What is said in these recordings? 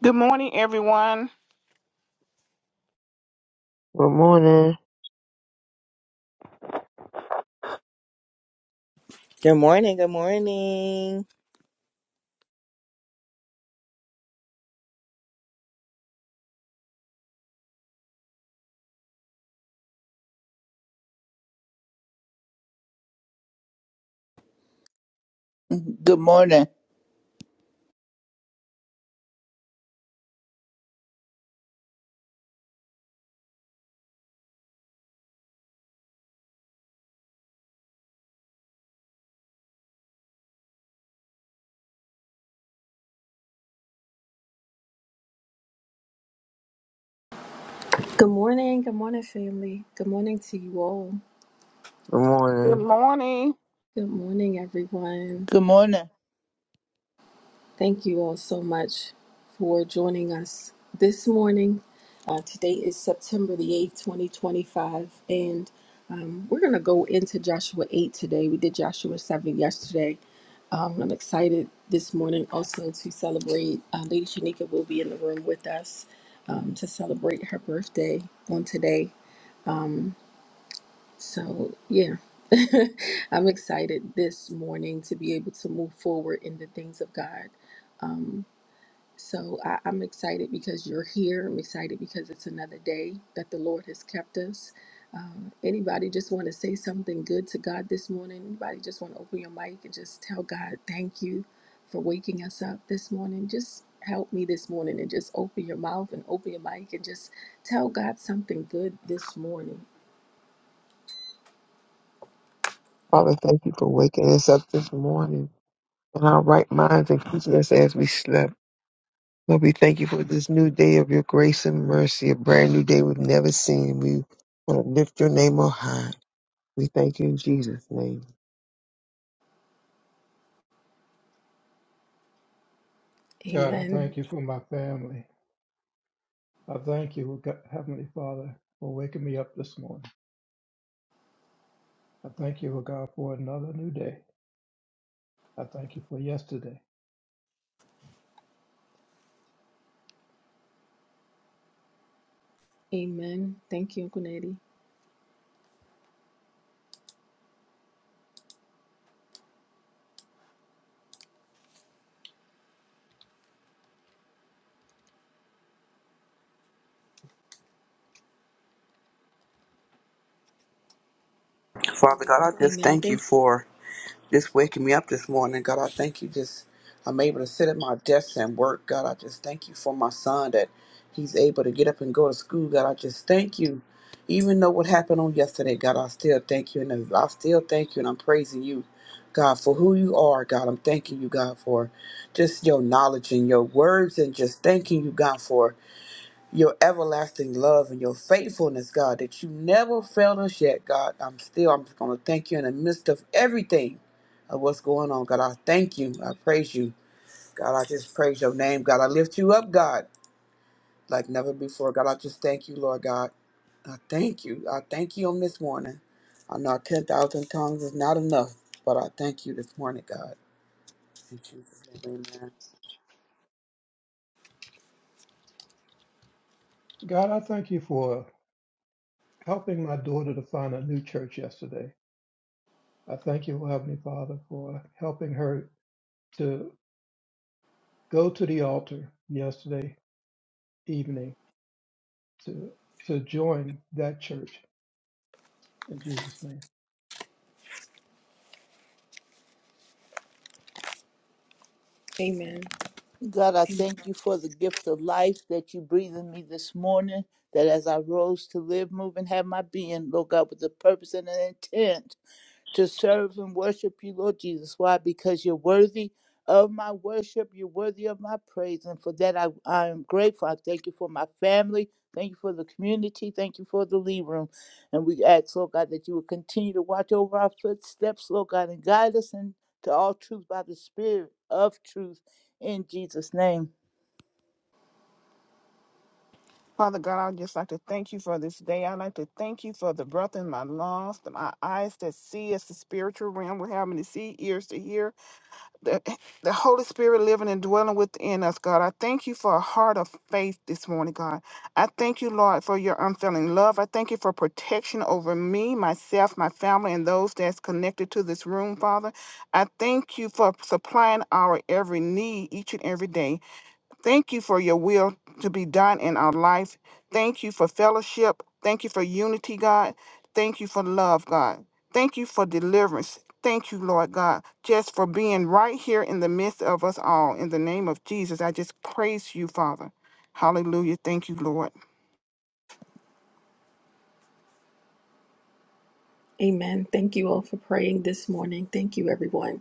Good morning, everyone. Good morning. Good morning. Good morning. Good morning. Good morning. Good morning, family. Good morning to you all. Good Good morning. morning. Good morning, everyone. Good morning. Thank you all so much for joining us this morning. Uh, today is September the 8th, 2025, and um, we're going to go into Joshua 8 today. We did Joshua 7 yesterday. Um, I'm excited this morning also to celebrate. Uh, Lady Shanika will be in the room with us um, to celebrate her birthday on today. Um, So, yeah, I'm excited this morning to be able to move forward in the things of God. Um, so, I, I'm excited because you're here. I'm excited because it's another day that the Lord has kept us. Um, anybody just want to say something good to God this morning? Anybody just want to open your mic and just tell God, thank you for waking us up this morning? Just help me this morning and just open your mouth and open your mic and just tell God something good this morning. Father, thank you for waking us up this morning in our right minds and keeping us as we slept. Lord, we thank you for this new day of your grace and mercy, a brand new day we've never seen. We want to lift your name on high. We thank you in Jesus' name. God, I Amen. thank you for my family. I thank you, oh God, Heavenly Father, for waking me up this morning. I thank you, oh God, for another new day. I thank you for yesterday. Amen. Thank you, Uncle Nettie. Father God, I just Amen. thank you Thank you. for just waking me up this morning. God, I thank you just I'm able to sit at my desk and work. God, I just thank you for my son that he's able to get up and go to school. God, I just thank you. Even though what happened on yesterday, God, I still thank you and I still thank you and I'm praising you. God, for who you are, God, I'm thanking you, God, for just your knowledge and your words, and just thanking you, God, for your everlasting love and your faithfulness, God, that you never failed us yet, God. I'm still, I'm just going to thank you in the midst of everything of what's going on, God. I thank you. I praise you. God, I just praise your name, God. I lift you up, God, like never before. God, I just thank you, Lord God. I thank you. I thank you on this morning. I know 10,000 tongues is not enough, but I thank you this morning, God. In Jesus' name, amen. God, I thank you for helping my daughter to find a new church yesterday. I thank you, oh Heavenly Father, for helping her to go to the altar yesterday evening to to join that church in Jesus' name. Amen. God, I Amen. thank you for the gift of life that you breathe in me this morning. That as I rose to live, move, and have my being, Lord God, with the purpose and an intent to serve and worship you, Lord Jesus. Why? Because you're worthy of my worship, you're worthy of my praise. And for that, I, I am grateful. I thank you for my family. Thank you for the community. Thank you for the lead room. And we ask, Lord God, that you would continue to watch over our footsteps, Lord God, and guide us into all truth by the Spirit of truth in Jesus' name. Father God, I'd just like to thank you for this day. I'd like to thank you for the breath in my lungs, that my eyes that see as the spiritual realm. We're having to see, ears to hear. The, the Holy Spirit living and dwelling within us, God. I thank you for a heart of faith this morning, God. I thank you, Lord, for your unfailing love. I thank you for protection over me, myself, my family, and those that's connected to this room, Father. I thank you for supplying our every need each and every day. Thank you for your will to be done in our life. Thank you for fellowship. Thank you for unity, God. Thank you for love, God. Thank you for deliverance. Thank you, Lord God, just for being right here in the midst of us all. In the name of Jesus, I just praise you, Father. Hallelujah. Thank you, Lord. Amen. Thank you all for praying this morning. Thank you, everyone.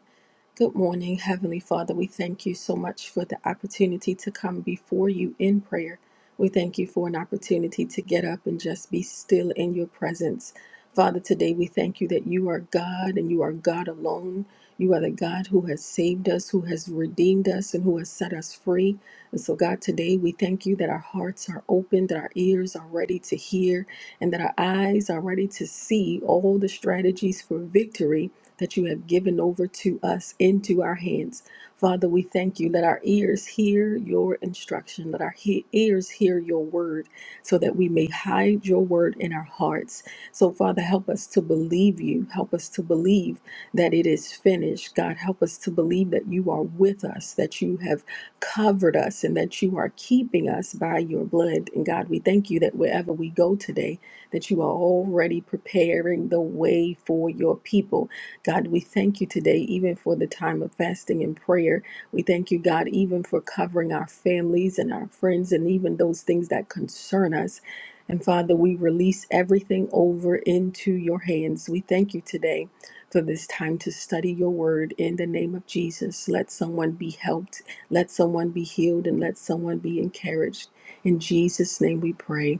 Good morning, Heavenly Father. We thank you so much for the opportunity to come before you in prayer. We thank you for an opportunity to get up and just be still in your presence. Father, today we thank you that you are God and you are God alone. You are the God who has saved us, who has redeemed us, and who has set us free. And so, God, today we thank you that our hearts are open, that our ears are ready to hear, and that our eyes are ready to see all the strategies for victory that you have given over to us into our hands. Father, we thank you. Let our ears hear your instruction. Let our he- ears hear your word so that we may hide your word in our hearts. So, Father, help us to believe you. Help us to believe that it is finished. God, help us to believe that you are with us, that you have covered us, and that you are keeping us by your blood. And God, we thank you that wherever we go today, that you are already preparing the way for your people God, we thank you today, even for the time of fasting and prayer. We thank you, God, even for covering our families and our friends and even those things that concern us. And Father, we release everything over into your hands. We thank you today for this time to study your word in the name of Jesus. Let someone be helped, let someone be healed, and let someone be encouraged. In Jesus' name we pray.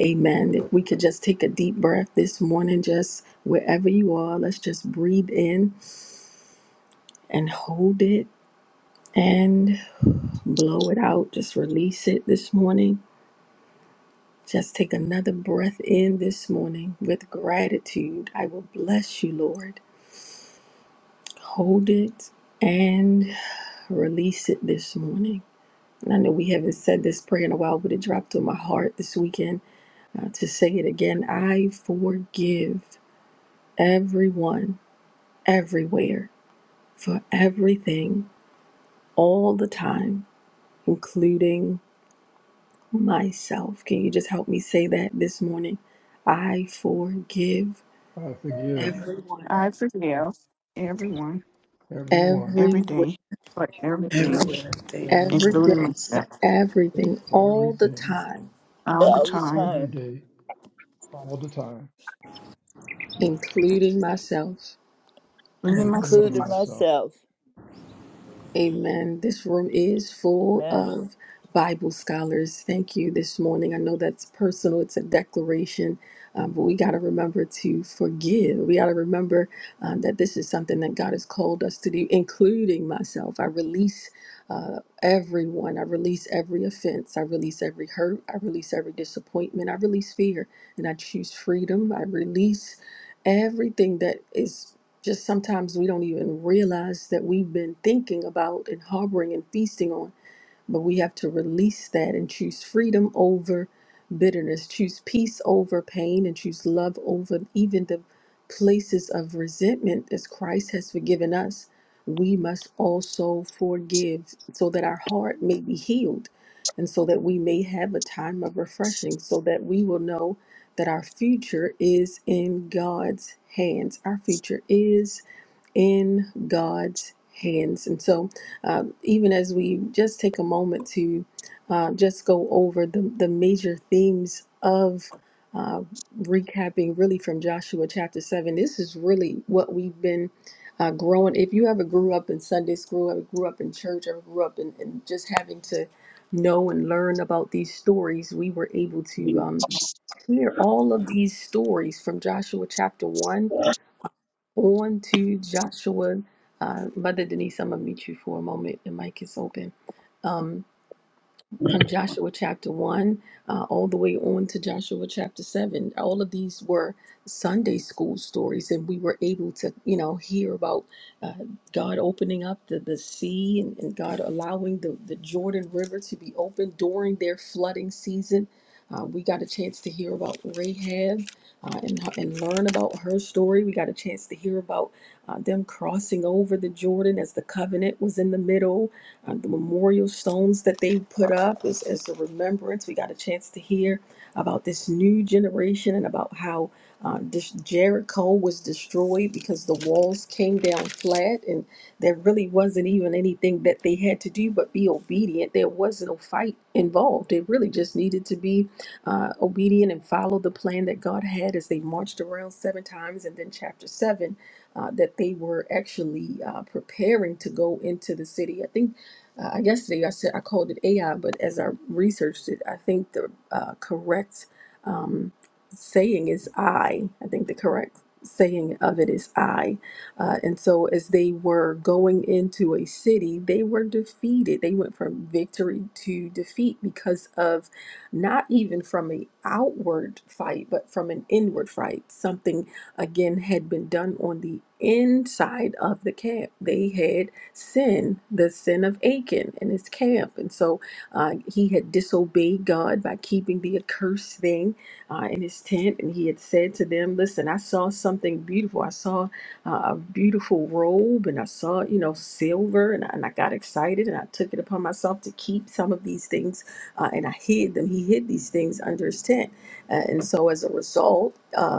Amen. If we could just take a deep breath this morning, just wherever you are, let's just breathe in and hold it and blow it out. Just release it this morning. Just take another breath in this morning with gratitude. I will bless you, Lord. Hold it and release it this morning. And I know we haven't said this prayer in a while, but it dropped on my heart this weekend uh, to say it again. I forgive everyone, everywhere for everything all the time, including myself. Can you just help me say that this morning? I forgive I forgive I everyone, I forgive everyone everyone, every everywhere, day for forgive everything, every everything. every including everywhere, day, for myself, everything for all the everything, time, all the for All the time, every time, day all the time, including myself. including including including myself, myself. myself. Amen. This room is full Amen. of Bible scholars. Thank you this morning. I know that's personal, it's a declaration, um, but we got to remember to forgive. We got to remember um, that this is something that God has called us to do, including myself. I release uh, everyone, I release every offense, I release every hurt, I release every disappointment, I release fear, and I choose freedom. I release everything that is. Just sometimes we don't even realize that we've been thinking about and harboring and feasting on, but we have to release that and choose freedom over bitterness, choose peace over pain, and choose love over even the places of resentment as Christ has forgiven us. We must also forgive so that our heart may be healed and so that we may have a time of refreshing, so that we will know that our future is in God's hands. Our future is in God's hands. And so, uh, even as we just take a moment to uh, just go over the, the major themes of uh, recapping really from Joshua chapter 7, this is really what we've been. Uh, growing if you ever grew up in sunday school ever grew up in church ever grew up in, in just having to know and learn about these stories we were able to um, hear all of these stories from joshua chapter 1 on to Joshua. Uh, Mother Denise, I'm going to meet you for a moment. The mic is open. Um, from Joshua chapter 1 uh, all the way on to Joshua chapter 7. All of these were Sunday school stories, and we were able to, you know, hear about uh, God opening up the, the sea and, and God allowing the, the Jordan River to be open during their flooding season. Uh, we got a chance to hear about Rahab uh, and, and learn about her story. We got a chance to hear about uh, them crossing over the Jordan as the covenant was in the middle uh, the memorial stones that they put up as, as a remembrance. We got a chance to hear about this new generation and about how uh, this Jericho was destroyed because the walls came down flat and there really wasn't even anything that they had to do but be obedient. There was no fight involved. They really just needed to be uh, obedient and follow the plan that God had as they marched around seven times. And then, chapter seven, uh, that they were actually uh, preparing to go into the city. I think uh, yesterday, I said I called it AI, but as I researched it, I think the uh, correct um, saying is I. I think the correct saying of it is I. Uh, and so, as they were going into a city, they were defeated. They went from victory to defeat because of not even from an outward fight, but from an inward fight. Something again had been done on the inside of the camp. They had sin, the sin of Achan and his camp. And so uh, he had disobeyed God by keeping the accursed thing uh, in his tent. And he had said to them, Listen, I saw something beautiful. I saw uh, a beautiful robe and I saw, you know, silver. And I, and I got excited and I took it upon myself to keep some of these things uh, and I hid them. He hid these things under his tent. Uh, and so as a result, uh,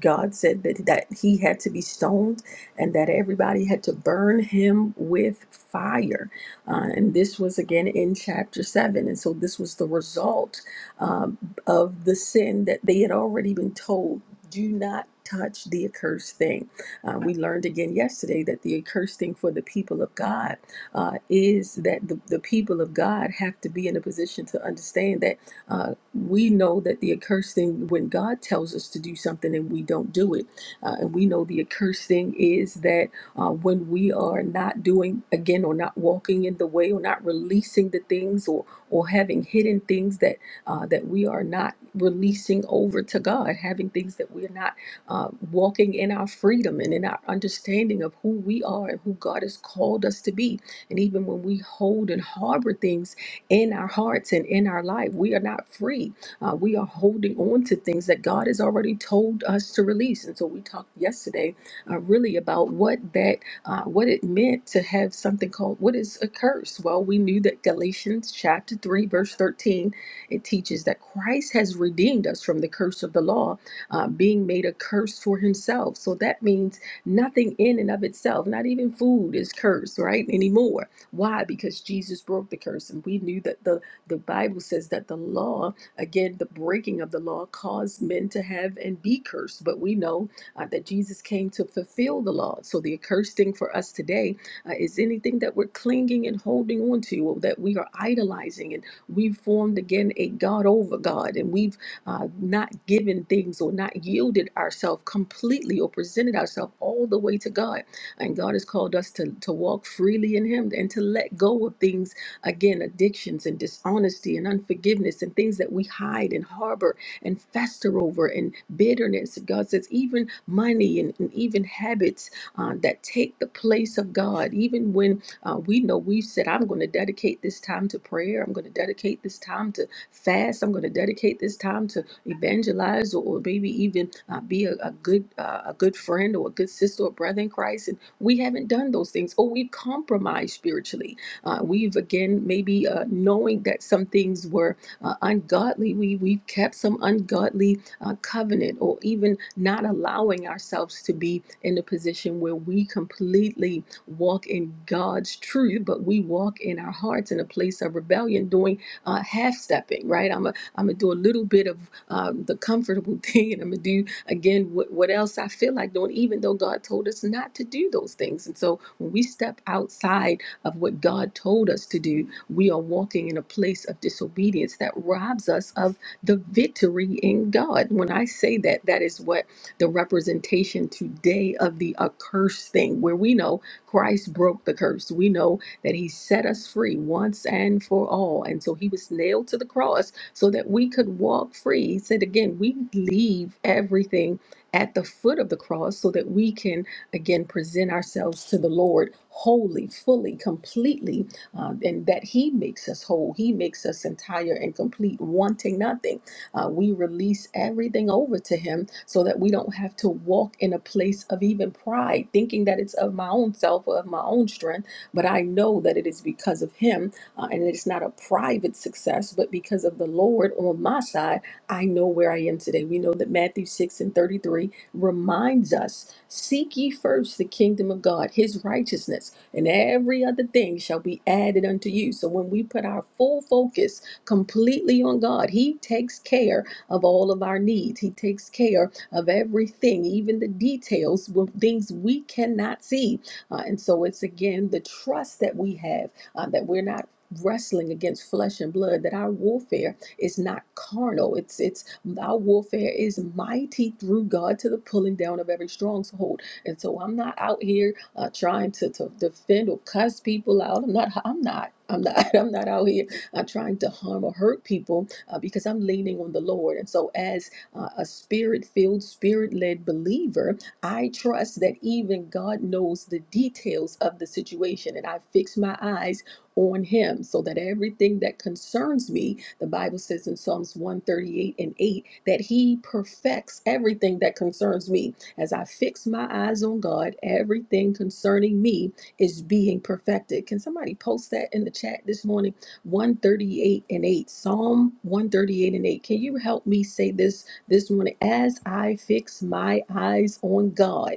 God said that, that he had to be stoned and that everybody had to burn him with fire. Uh, and this was again in chapter 7. And so this was the result um, of the sin that they had already been told do not touch the accursed thing. Uh, we learned again yesterday that the accursed thing for the people of God uh, is that the, the people of God have to be in a position to understand that. uh, we know that the accursed thing, when God tells us to do something and we don't do it, uh, and we know the accursed thing is that uh, when we are not doing again or not walking in the way or not releasing the things or or having hidden things that uh, that we are not releasing over to God, having things that we're not uh, walking in our freedom and in our understanding of who we are and who God has called us to be, and even when we hold and harbor things in our hearts and in our life. We are not free. Uh, we are holding on to things that God has already told us to release. And so we talked yesterday uh, really about what that uh, what it meant to have something called what is a curse. Well, we knew that Galatians chapter 3, verse 13, it teaches that Christ has redeemed us from the curse of the law, uh, being made a curse for himself. So that means nothing in and of itself, not even food is cursed, right? Anymore. Why? Because Jesus broke the curse. And we knew that the, the Bible says that the law, again, the breaking of the law caused men to have and be cursed. But we know uh, that Jesus came to fulfill the law. So the accursed thing for us today uh, is anything that we're clinging and holding on to, or that we are idolizing. And we've formed again a God over God, and we've uh, not given things or not yielded ourselves completely or presented ourselves all the way to God and God has called us to, to walk freely in Him and to let go of things, again, addictions and dishonesty and unforgiveness and things that we hide and harbor and fester over and bitterness. God says, even money and, and even habits uh, that take the place of God, even when uh, we know we've said, I'm going to dedicate this time to prayer, I'm going to dedicate this time to fast, I'm going to dedicate this time to evangelize or, or maybe even uh, be a, a good uh, a good friend or a good sister or brother in Christ. and we haven't done those things or we've compromised spiritually uh, we've again maybe uh, knowing that some things were uh, ungodly we we've kept some ungodly uh, covenant or even not allowing ourselves to be in a position where we completely walk in god's truth but we walk in our hearts in a place of rebellion doing uh, half stepping right i'm a, am gonna do a little bit of uh, the comfortable thing and i'm gonna do again what, what else i feel like doing even though god told us not to do those things and so when we step outside of what god told us to do we are walking in a place of disobedience that robs us of the victory in god when i say that that is what the representation today of the accursed thing where we know christ broke the curse we know that he set us free once and for all and so he was nailed to the cross so that we could walk free. He said again, we leave everything at the foot of the cross so that we can again present ourselves to the Lord wholly, fully, completely, uh, and that He makes us whole. He makes us entire and complete, wanting nothing. Uh, we release everything over to Him so that we don't have to walk in a place of even pride, thinking that it's of my own self or of my own strength, but I know that it is because of Him uh, and it's not a private success, but because of the Lord on my side, I know where I am today. We know that Matthew 6 and 33 reminds us seek ye first the kingdom of God, his righteousness, and every other thing shall be added unto you. So when we put our full focus completely on God, he takes care of all of our needs, he takes care of everything, even the details, with things we cannot see. Uh, and so it's again the trust that we have uh, that we're not wrestling against flesh and blood that our warfare is not carnal it's it's our warfare is mighty through god to the pulling down of every stronghold and so i'm not out here uh, trying to, to defend or cuss people out i'm not i'm not i'm not i'm not out here uh, trying to harm or hurt people uh, because i'm leaning on the lord and so as uh, a spirit filled spirit led believer i trust that even god knows the details of the situation and i fix my eyes on him so that everything that concerns me the bible says in psalms 138 and 8 that he perfects everything that concerns me as i fix my eyes on god everything concerning me is being perfected can somebody post that in the chat this morning 138 and 8 psalm 138 and 8 can you help me say this this morning as i fix my eyes on god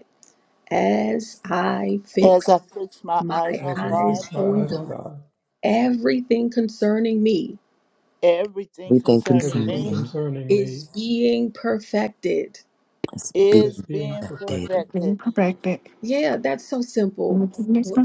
as i fix As I fix my my eyes on As I eyes God, fix my on eyes on god God, Everything concerning me We everything thank him, Son concerning and everything me Man. concerning is me being perfected. be is is being being that day. perfected. perfected. being perfected, Yeah, that's so simple. and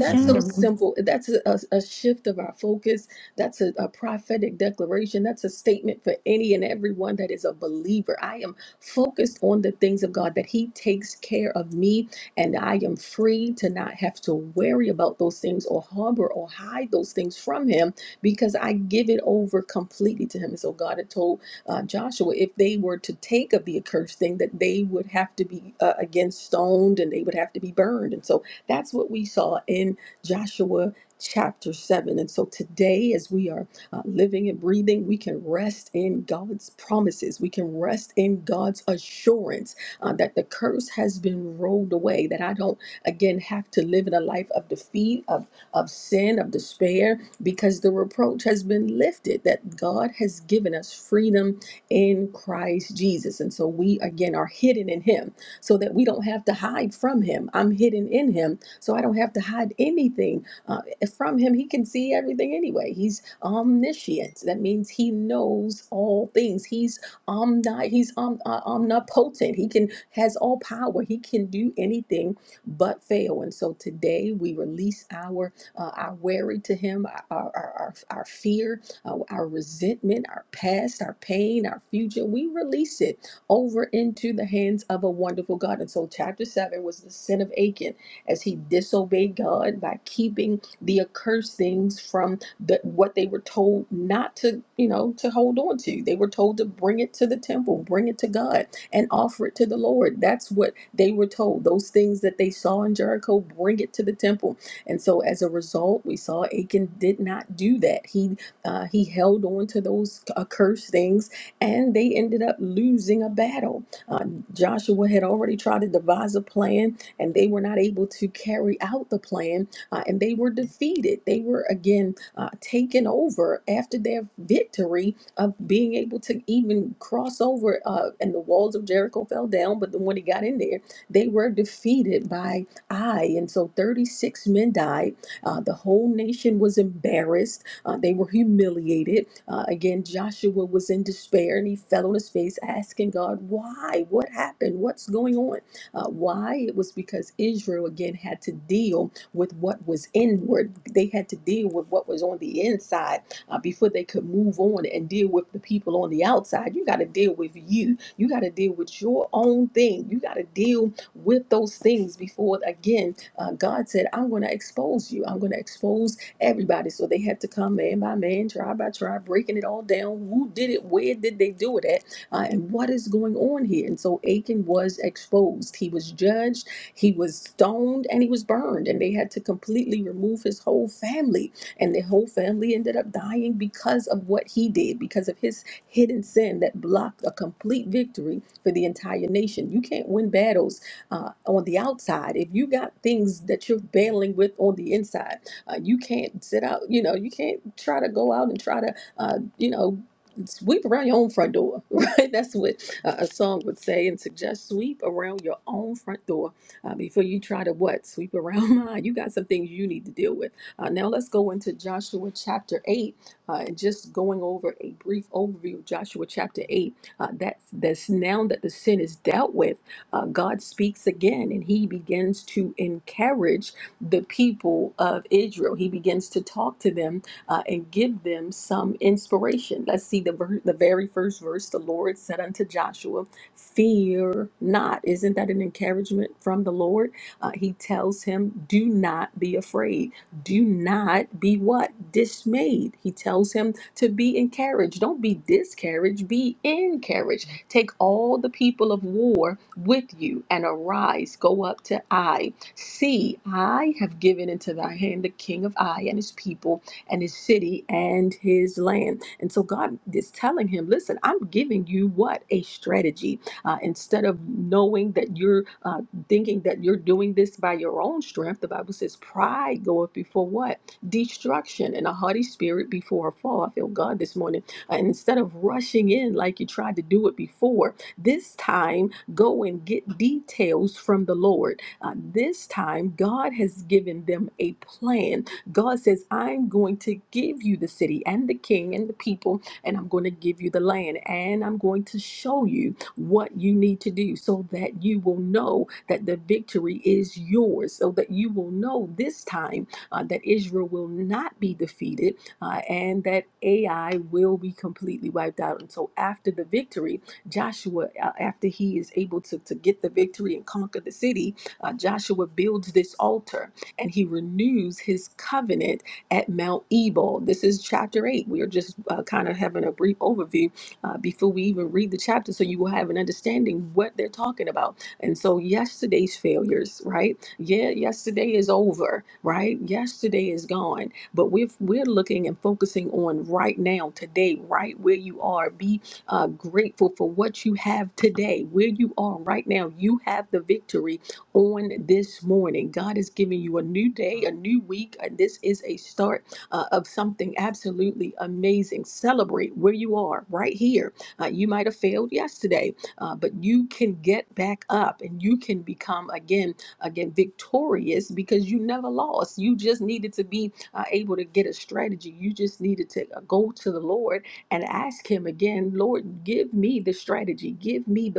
That's Amen. so simple. That's a, a, a shift of our focus. That's a, a prophetic declaration. That's a statement for any and everyone that is a believer. I am focused on the things of God, that He takes care of me, and I am free to not have to worry about those things or harbor or hide those things from Him because I give it over completely to Him. And so God had told uh, Joshua, if they were to take of the accursed thing, that they would have to be uh, again stoned and they would have to be burned. And so that's what we saw in Joshua chapter 7. And so today, as we are uh, living and breathing, we can rest in God's promises. We can rest in God's assurance uh, that the curse has been rolled away, that I don't again have to live in a life of defeat, of, of sin, of despair, because the reproach has been lifted, that God has given us freedom in Christ Jesus. And so we again are hidden in him so that we don't have to hide from him. I'm hidden in him, so I don't have to hide anything uh, from him. He can see everything anyway. He's omniscient. That means he knows all things. He's omni he's om, uh, omnipotent. He can has all power. He can do anything but fail. And so today we release our uh, our worry to him, our our, our, our fear uh, our resentment, our past, our pain, our future. We release it over into the hands of a wonderful God. And so, chapter 7 was the sin of Achan as he disobeyed God by keeping the accursed things from the, what they were told not to, you know, to hold on to. They were told to bring it to the temple, bring it to God, and offer it to the Lord. That's what they were told. Those things that they saw in Jericho, bring it to the temple. And so, as a result, we saw Achan did not do that. He uh, he held on to those accursed things, and they ended up losing a battle. Uh, Joshua had already tried to devise a plan, and they were not able to carry out the plan, uh, and they were defeated. They were again uh, taken over after their victory of being able to even cross over, uh, and the walls of Jericho fell down. But then when he got in there, they were defeated by Ai, and so 36 men died. Uh, the whole nation was embarrassed uh, they were humiliated. Uh, again, Joshua was in despair and he fell on his face asking God, Why? What happened? What's going on? Uh, why? It was because Israel again had to deal with what was inward. They had to deal with what was on the inside uh, before they could move on and deal with the people on the outside. You got to deal with you. You got to deal with your own thing. You got to deal with those things before, again, uh, God said, I'm going to expose you. I'm going to expose everybody. So they had to come man by man, tribe by tribe, breaking it all down. Who did it? Where did they do it at? Uh, and what is going on here? And so Achan was exposed. He was judged. He was stoned and he was burned. And they had to completely remove his whole family. And the whole family ended up dying because of what he did, because of his hidden sin that blocked a complete victory for the entire nation. You can't win battles uh, on the outside if you got things that you're battling with on the inside. Uh, you can't sit out, you know, you can't try to go out and try to, uh, you know, sweep around your own front door, right? That's what uh, a song would say and suggest sweep around your own front door uh, before you try to what? Sweep around mine. You got some things you need to deal with. Uh, now let's go into Joshua chapter 8 uh, and just going over a brief overview of Joshua chapter 8. Uh, that's, that's now that the sin is dealt with, uh, God speaks again and he begins to encourage the people of Israel. He begins to talk to them uh, and give them some inspiration. Let's see the, ver- the very first verse. The Lord said unto Joshua, Fear not. Isn't that an encouragement from the Lord? Uh, he tells him, Do not be afraid. Do not be what? Dismayed. He tells him to be encouraged. Don't be discouraged, be encouraged. Take all the people of war with you and arise, go up to Ai See, I have given into thy hand the king of Ai and his people and his city and his land. And so God is telling him, listen, I'm giving you what? A strategy. Uh, instead of knowing that you're uh, thinking that you're doing this by your own strength, the Bible says, pride goeth before what? Destruction and a haughty spirit before a fall. I feel God this morning. Uh, and instead of rushing in like you tried to do it before, this time go and get details from the Lord uh, this time, God has given them a plan. God says, I'm going to give you the city and the king and the people, and I'm going to give you the land, and I'm going to show you what you need to do so that you will know that the victory is yours, so that you will know this time uh, that Israel will not be defeated uh, and that Ai will be completely wiped out. And so, after the victory, Joshua, uh, after he is able to, to get the victory and conquer the city, uh, Joshua builds this altar and he renews his covenant at Mount Ebal. This is chapter 8. We are just uh, kind of having a brief overview uh, before we even read the chapter so you will have an understanding what they're talking about. And so yesterday's failures, right? Yeah, yesterday is over, right? Yesterday is gone, but we're we're looking and focusing on right now, today, right where you are. Be uh, grateful for what you have today, where you are right now. You have the victory on this morning. God is giving you a new day, a new week, and this is a start uh, of something absolutely amazing. Celebrate where you are right here. Uh, you might have failed yesterday, uh, but you can get back up and you can become again, again victorious because you never lost. You just needed to be uh, able to get a strategy. You just needed to uh, go to the Lord and ask Him again. Lord, give Give Give me me me. the the strategy.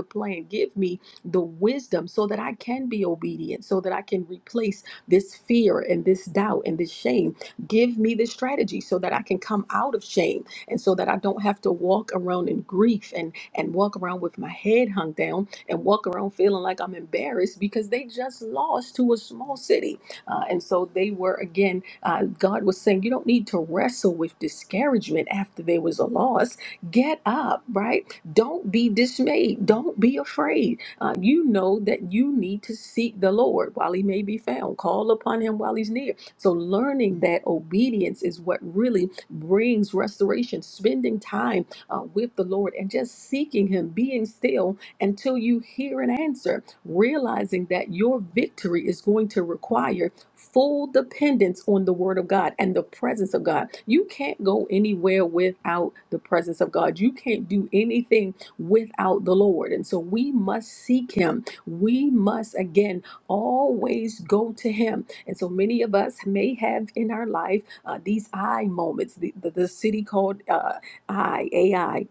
plan. give me the wisdom so that I can be obedient, so that I can replace this fear and this doubt and this shame. Give me the strategy so that I can come out of shame and so that I don't have to walk around in grief and, and walk around with my head hung down and walk around feeling like I'm embarrassed because they just lost to a small city. Uh, and so they were, again, uh, God was saying, you don't need to wrestle with discouragement after there was a loss. Get up, right? Don't be dismayed. Don't be afraid uh, you know that you need to seek the Lord while he may be found, call upon him while he's near. So, learning that obedience is what really brings restoration, spending time uh, with the Lord and just seeking him, being still until you hear an answer, realizing that your victory is going to require full dependence on the word of God and the presence of God. You can't go anywhere without the presence of God. You can't do anything without the Lord. And so we must seek Him. We must, again, always go to Him. And so many of us may have in our life uh, these I moments, the, the, the city called uh, I, AI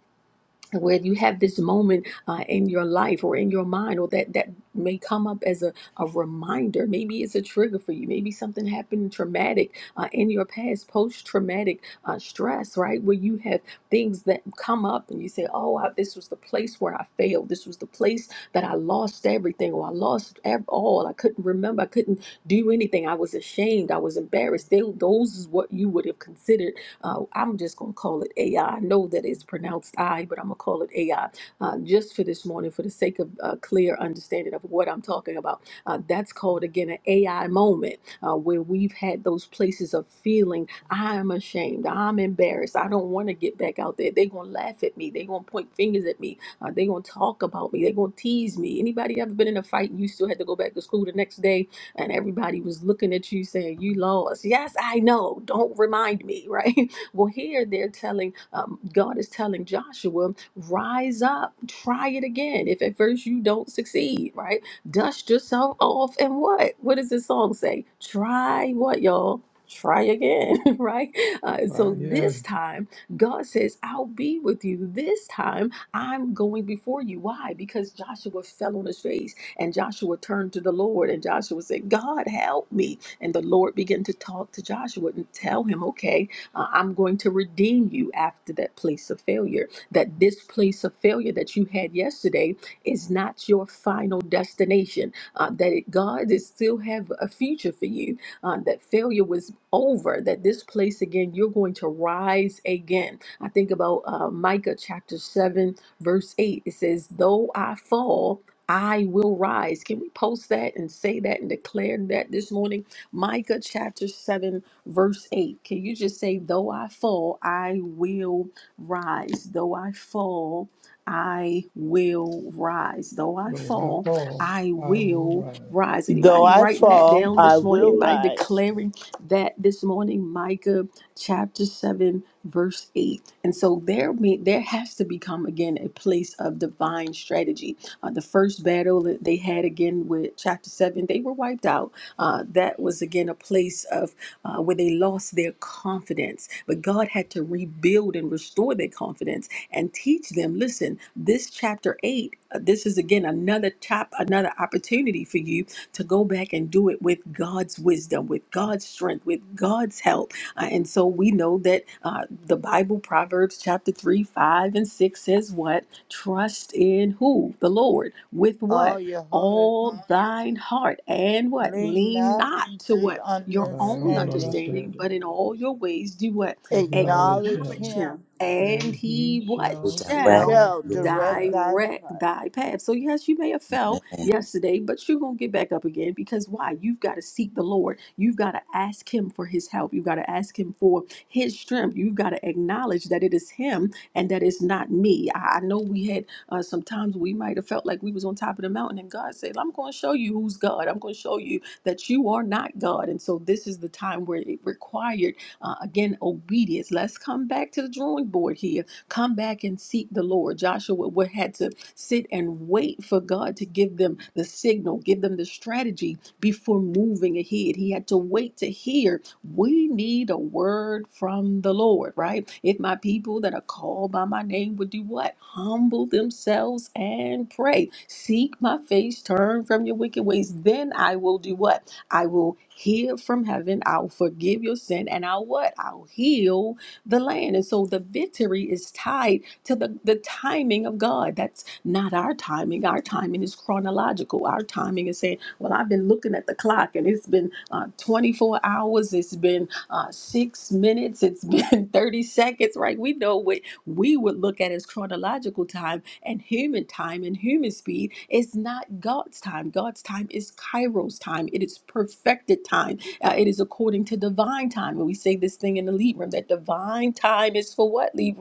where you have this moment uh, in your life or in your mind or that that may come up as a, a reminder maybe it's a trigger for you maybe something happened traumatic uh, in your past post-traumatic uh, stress right where you have things that come up and you say oh I, this was the place where i failed this was the place that i lost everything or i lost ev- all i couldn't remember i couldn't do anything i was ashamed i was embarrassed they, those is what you would have considered uh, I'm just going to call it AI. I I know that it's pronounced I, but I'm going to call it AI uh, just for this morning for the sake of uh, clear understanding of what I'm talking about. Uh, that's called, again, an AI moment uh, where we've had those places of feeling I'm ashamed, I'm embarrassed, I don't want to get back out there. They're going to laugh at me, they're going to point fingers at me, uh, they're going to talk about me, they're going to tease me. Anybody ever been in a fight and you still had to go back to school the next day and everybody was looking at you saying, You lost? Yes, I know, don't remind me, right? Well, here they're telling, um, God is telling Joshua, rise up, try it again. If at first you don't succeed, right? Dust yourself off and what? What does this song say? Try what, y'all? Try again, right? Uh, Right so yet, this time, God says, I'll be with you. This time, I'm going before you. Why? Because Joshua fell on his face and Joshua turned to the Lord and Joshua said, God, help me. And the Lord began to talk to Joshua and tell him, okay, uh, I'm going to redeem you after that place of failure. That this place of failure that you had yesterday is not your final destination. Uh, that it, God is still have a future for you. Uh, that failure was over. That this place again, you're going to rise again. I think about uh, Micah chapter seven, verse eight. It says, "Though I fall." I will rise. Can we post that and say that and declare that this morning? Micah chapter 7 verse 8. Can you just say, Though I fall, I will rise. Though I fall, I will rise. Though I though I fall, fall, I I will will rise rise. Though Anybody I writing that fall, down I this morning? will Well, Anybody rise. declaring that this morning? Micah chapter 7, verse 8. And so there, me- there has to become again a place of divine strategy. Uh, the first battle that they had again with chapter 7, they were wiped out. Uh, that was again a place of uh, where they lost their confidence. But God had to rebuild and restore their confidence and teach them listen, this chapter 8, uh, this is again another chap, another opportunity for you to go back and do it with God's wisdom, with God's strength, with God's help. Uh, and so we know that uh, the Bible, Proverbs chapter 3, 5, and 6 says what? Trust in who? The Lord. With what? All your heart, All thine heart. And what? lean Lean not not to unto what? your to your my own own understanding. understanding, understanding. but in all your ways do what? Acknowledge Acknowledge Acknowledge Him, him. him, and And He he He what Will shall who direct shall direct shall your your path. direct path. thy direct path. thy path. So yes, you may have fell Amen. yesterday, but you're gonna get back up again because why? You've got to seek the Lord. You've got to ask him for his help. You've got to ask him for his strength. You've got to acknowledge that it is him and that it's not me. I, I know we had uh, sometimes we might have felt like we was on top of the mountain and God said, I'm going to show you who's God. I'm going to show you that you are not God. And so this is the time where it required, uh, again, obedience. Let's come back to the drawing board here. Come back and seek the Lord. Joshua would had to sit and wait for God to give them the signal, give them the strategy before moving ahead. He had to wait to hear we need a word from the Lord, right? If my people that are called by my name would do what? Humble themselves and pray. Seek my face, turn from your wicked ways. Then I will do what? I will hear from heaven. I'll forgive your sin and I'll what? I'll heal the land. And so the victory is tied to the, the timing of God. That's not our timing. Our timing is chronological. Our timing is saying, well, I've been looking at the clock and it's been uh, 24 hours, it's been uh, six minutes, it's been 30 seconds, right? We know what we would look at as chronological time and human time and human speed is not God's time. God's time is Kairos time, it is perfected time, uh, it is according to divine time. And we say this thing in the lead that divine time is for what, lead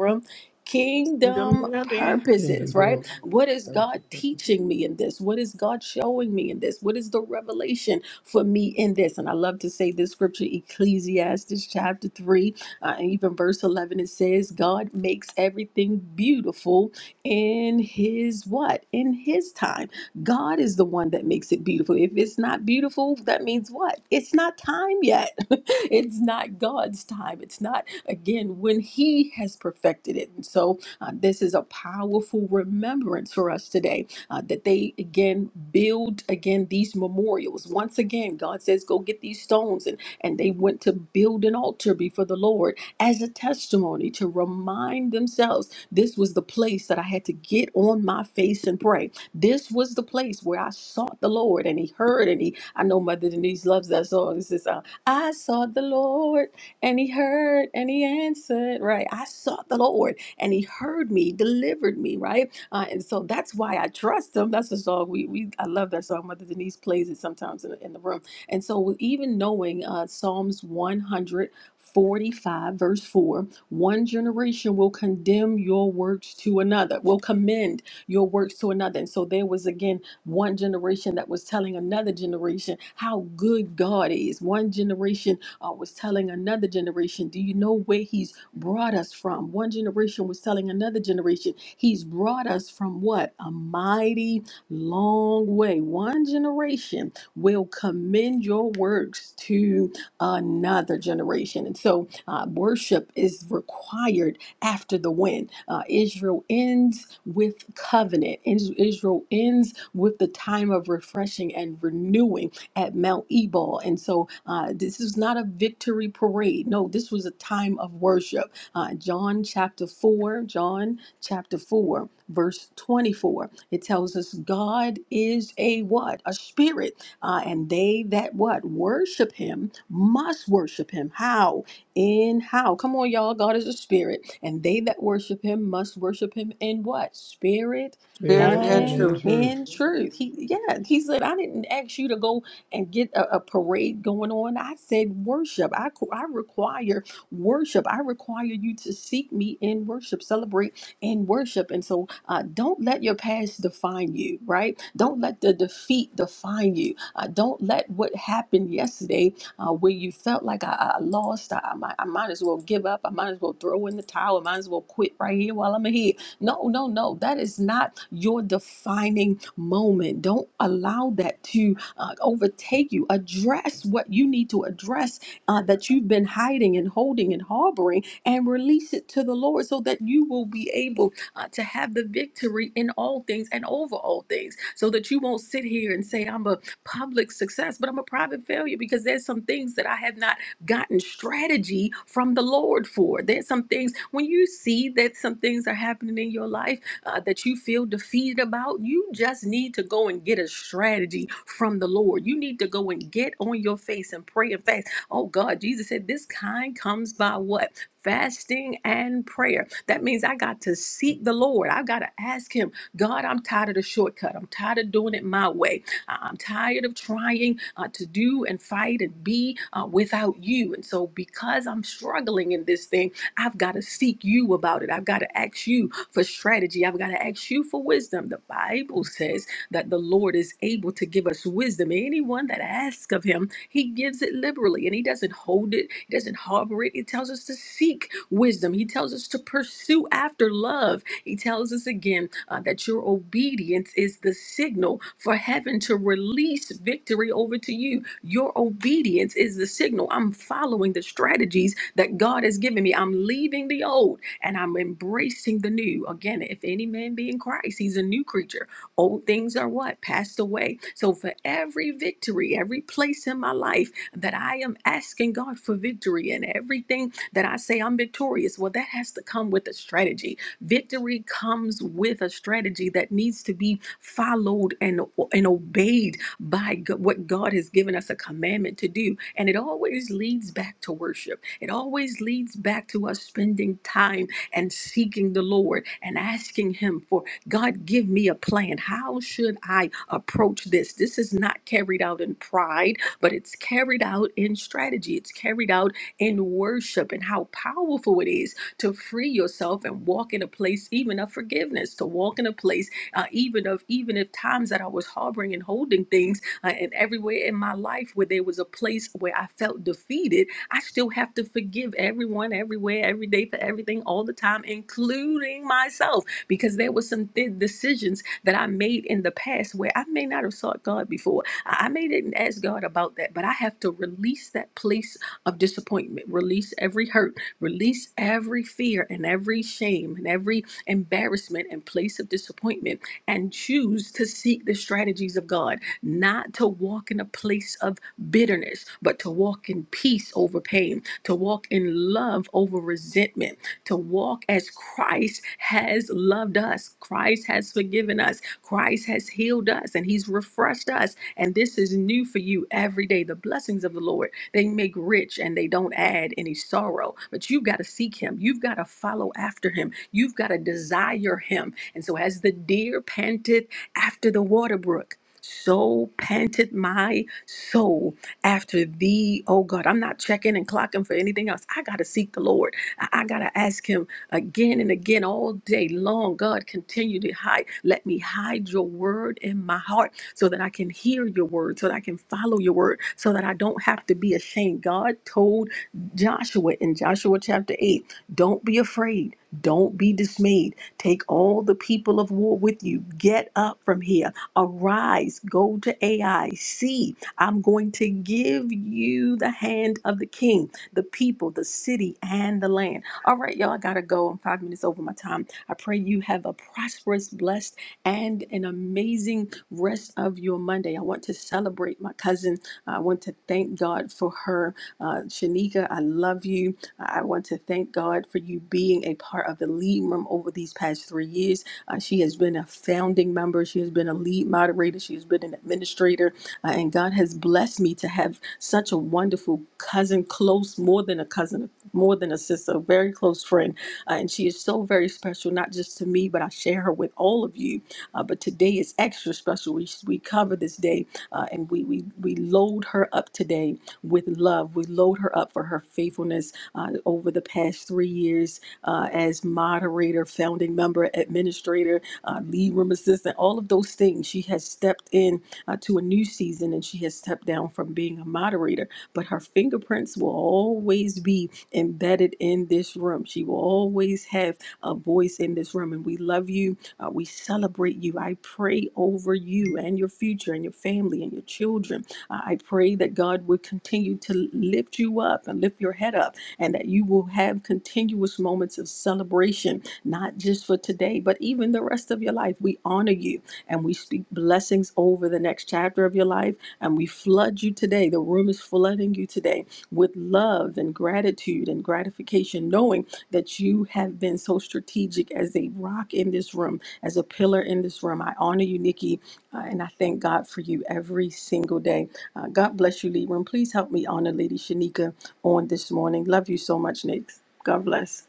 Kingdom Kingdom building. purposes, Kingdom right? building. What is God teaching me in this? What is God showing me in this? What is the revelation for me in this? And I love to say this scripture, Ecclesiastes chapter 3, uh, and even verse 11, it says, God makes everything beautiful in his what? In his time. God is the one that makes it beautiful. If it's not beautiful, that means what? It's not time yet. it's not God's time. It's not, again, when he has perfected it. And so, uh, this is a powerful remembrance for us today uh, that they again build again these memorials. Once again, God says, go get these stones. And, and they went to build an altar before the Lord as a testimony to remind themselves this was the place that I had to get on my face and pray. This was the place where I sought the Lord and He heard. And He, I know Mother Denise loves that song. It says, uh, I sought the Lord and He heard and He answered, right? I sought the Lord and he heard me, delivered me, right? Uh, and so that's why I trust him. That's the song we, we I love that song. Mother Denise plays it sometimes in, in the room. And so even knowing uh, Psalms 145, verse 4 one generation will condemn your works to another will commend your works to another and so there was again one generation that was telling another generation how good god is one generation uh, was telling another generation do you know where he's brought us from. One generation was telling another generation, He's brought us from what? A mighty long way. One generation will commend your works to another generation. And so uh, worship is required after the win. Uh, Israel ends with covenant, Is- Israel ends with the time of refreshing and renewing at Mount Ebal. And so uh, this is not a victory parade. No, this was a time of worship. Uh, John chapter 4, John chapter 4, verse 24. It tells us God is a what? A spirit. Uh, and they that what? Worship him must worship him. How? In how? Come on, y'all. God is a spirit. And they that worship him must worship him in what? Spirit Spirit Spirit and and and in truth. truth. in truth. He yeah, he said, I didn't ask you to go and get a, a parade going on. I said, worship. I, qu- I require worship. I require you to seek me in worship, celebrate in worship. And so uh, don't let your past define you, right? Don't let the defeat define you. Uh, don't let what happened yesterday, uh, where you felt like I, I lost, I, I, might, I might as well give up, I might as well throw in the towel, I might as well quit right here while I'm ahead. No, no, no. That is not your defining moment. Don't allow that to uh, overtake you. Address what you need to address uh, that you've been hiding and holding and harboring and release it to the Lord so that you will be able uh, to have the victory in all things and over all things so that you won't sit here and say, I'm a public success, but I'm a private failure because there's some things that I have not gotten strategy from the Lord for. There's some things when you see that some things are happening in your life uh, that you feel defeated about, you just need to go and get a strategy from the Lord. You need to go and get on your face and pray and fast. Oh God, Jesus said, This kind comes by what? Fasting and prayer. That means I got to seek the Lord. I got to ask Him, God, I'm tired of the shortcut. I'm tired of doing it my way. I- I'm tired of trying uh, to do and fight and be uh, without you. And so, because I'm struggling in this thing, I've got to seek you about it. I've got to ask you for strategy. I've got to ask you for wisdom. The Bible says that the Lord is able to give us wisdom. Anyone that asks of him, he gives it liberally and he doesn't hold it, he doesn't harbor it. He tells us to seek wisdom, he tells us to pursue after love. He tells us again uh, that your obedience is the signal for heaven to release victory over to you. Your obedience is the signal. I'm following the strategies that God has given me. I'm leaving the old and I'm embracing the new. Again, if any man be in Christ, he's a new creature. Old things are what? Passed away. So for every victory, every place in my life that I am asking God for victory and everything that I say I'm victorious, well, that has to come with a strategy. Victory comes with a strategy that needs to be followed and, and obeyed by G- what God has given us a commandment to do. And it always leads back to worship. It always leads back to us spending time and seeking the Lord and asking Him for God, give me a plan. How should I approach this? This is not carried out in pride, but it's carried out in strategy. It's carried out in worship and how powerful it is to free yourself and walk in a place even of forgiveness, to walk in a place uh, even of even if times that I was harboring and holding things uh, and everywhere in my life where there was a place where I felt defeated I still have to forgive everyone, everywhere, every day for everything, all the time, including myself, because there were some th- decisions that I made in the past where I may not have sought God before. I I may didn't ask God about that, but I have to release that place of disappointment, release every hurt, release every fear and every shame and every embarrassment and place of disappointment, and choose to seek the strategies of God, not to walk in a place of bitterness, but to walk in peace over pain, to walk in love over resentment, to walk as Christ has loved us, Christ has forgiven us, Christ has healed us, and He's refreshed us. And this is new for you every day. The blessings of the Lord, they make rich and they don't add any sorrow. But you've got to seek Him, you've got to follow after Him, you've got to desire Him. And so, as the deer panteth after the water brook, so panteth my soul after thee, oh God. I'm not checking and clocking for anything else. I got to seek the Lord. I, I got to ask Him again and again all day long. God, continue to hide. Let me hide your word in my heart so that I can hear your word, so that I can follow your word, so that I don't have to be ashamed. God told Joshua in Joshua chapter 8, don't be afraid. Don't be dismayed. Take all the people of war with you. Get up from here. Arise. Go to Ai. See. I'm going to give you the hand of the king, the people, the city, and the land. All right, y'all, I got to go. I'm five minutes over my time. I pray you have a prosperous, blessed, and an amazing rest of your Monday. I want to celebrate my cousin. I want to thank God for her. Uh, Shanika, I love you. I want to thank God for you being a part of the lead room over these past three years. Uh, she has been a founding member, she has been a lead moderator, she has been an administrator. Uh, and God has blessed me to have such a wonderful cousin, close, more than a cousin, more than a sister, a very close friend. Uh, and she is so very special, not just to me, but I share her with all of you. Uh, but today is extra special. We, we cover this day uh, and we, we, we load her up today with love. We load her up for her faithfulness uh, over the past three years uh, as moderator, founding member, administrator, uh, lead room assistant, all of those things. She has stepped in uh, to a new season and she has stepped down from being a moderator, but her fingerprints will always be embedded in this room. She will always have a voice in this room. And we love you. Uh, we celebrate you. I pray over you and your future and your family and your children. Uh, I pray that God would continue to lift you up and lift your head up and that you will have continuous moments of celebration, not just for today, but even the rest of your life. We honor you and we speak blessings over the next chapter of your life. And we flood you today. The room is flooding you today with love and gratitude and gratification, knowing that you have been so strategic as a rock in this room, as a pillar in this room. I honor you, Nikki, uh, and I thank God for you every single day. Uh, God bless you, Libra. And please help me honor Lady Shanika on this morning. Love you so much, Nick. God bless.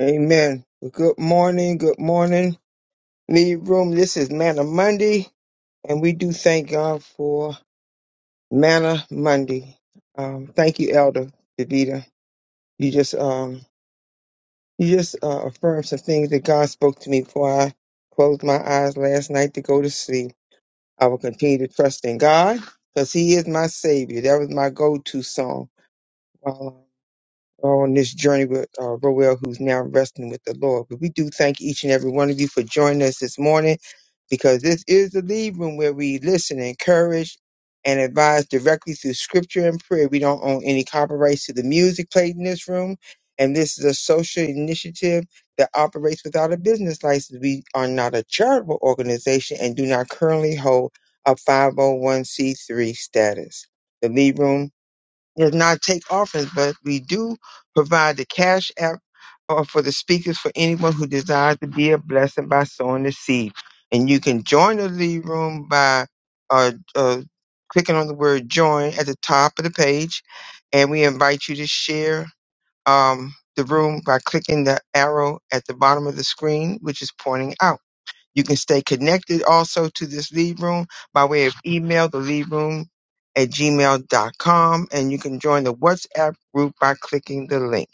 Amen. Good morning. Good morning. Lead room. This is Manna Monday, and we do thank God for Manna Monday. Um, thank you, Elder Davida. You just um, You just uh, affirmed some things that God spoke to me before I closed my eyes last night to go to sleep. I will continue to trust in God because He is my Savior. That was my go to song on this journey with uh, Roel, who's now resting with the Lord. But we do thank each and every one of you for joining us this morning because this is the lead room where we listen, encourage, and advise directly through scripture and prayer. We don't own any copyrights to the music played in this room. And this is a social initiative that operates without a business license. We are not a charitable organization and do not currently hold a 501c3 status. The lead room does not take offerings, but we do provide the cash app uh, for the speakers for anyone who desires to be a blessing by sowing the seed. And you can join the lead room by uh, uh, clicking on the word join at the top of the page. And we invite you to share um, the room by clicking the arrow at the bottom of the screen, which is pointing out. You can stay connected also to this lead room by way of email, the lead room at gmail.com, and you can join the WhatsApp group by clicking the link.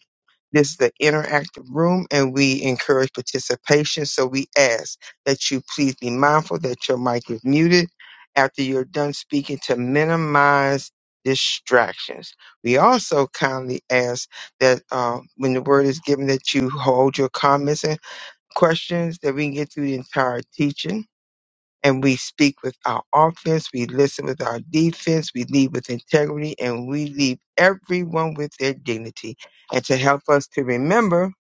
This is the interactive room, and we encourage participation. So we ask that you please be mindful that your mic is muted after you're done speaking to minimize distractions. We also kindly ask that uh, when the word is given, that you hold your comments questions that we can get through the entire teaching. And we speak with our offense, we listen with our defense, we lead with integrity, and we leave everyone with their dignity. And to help us to remember,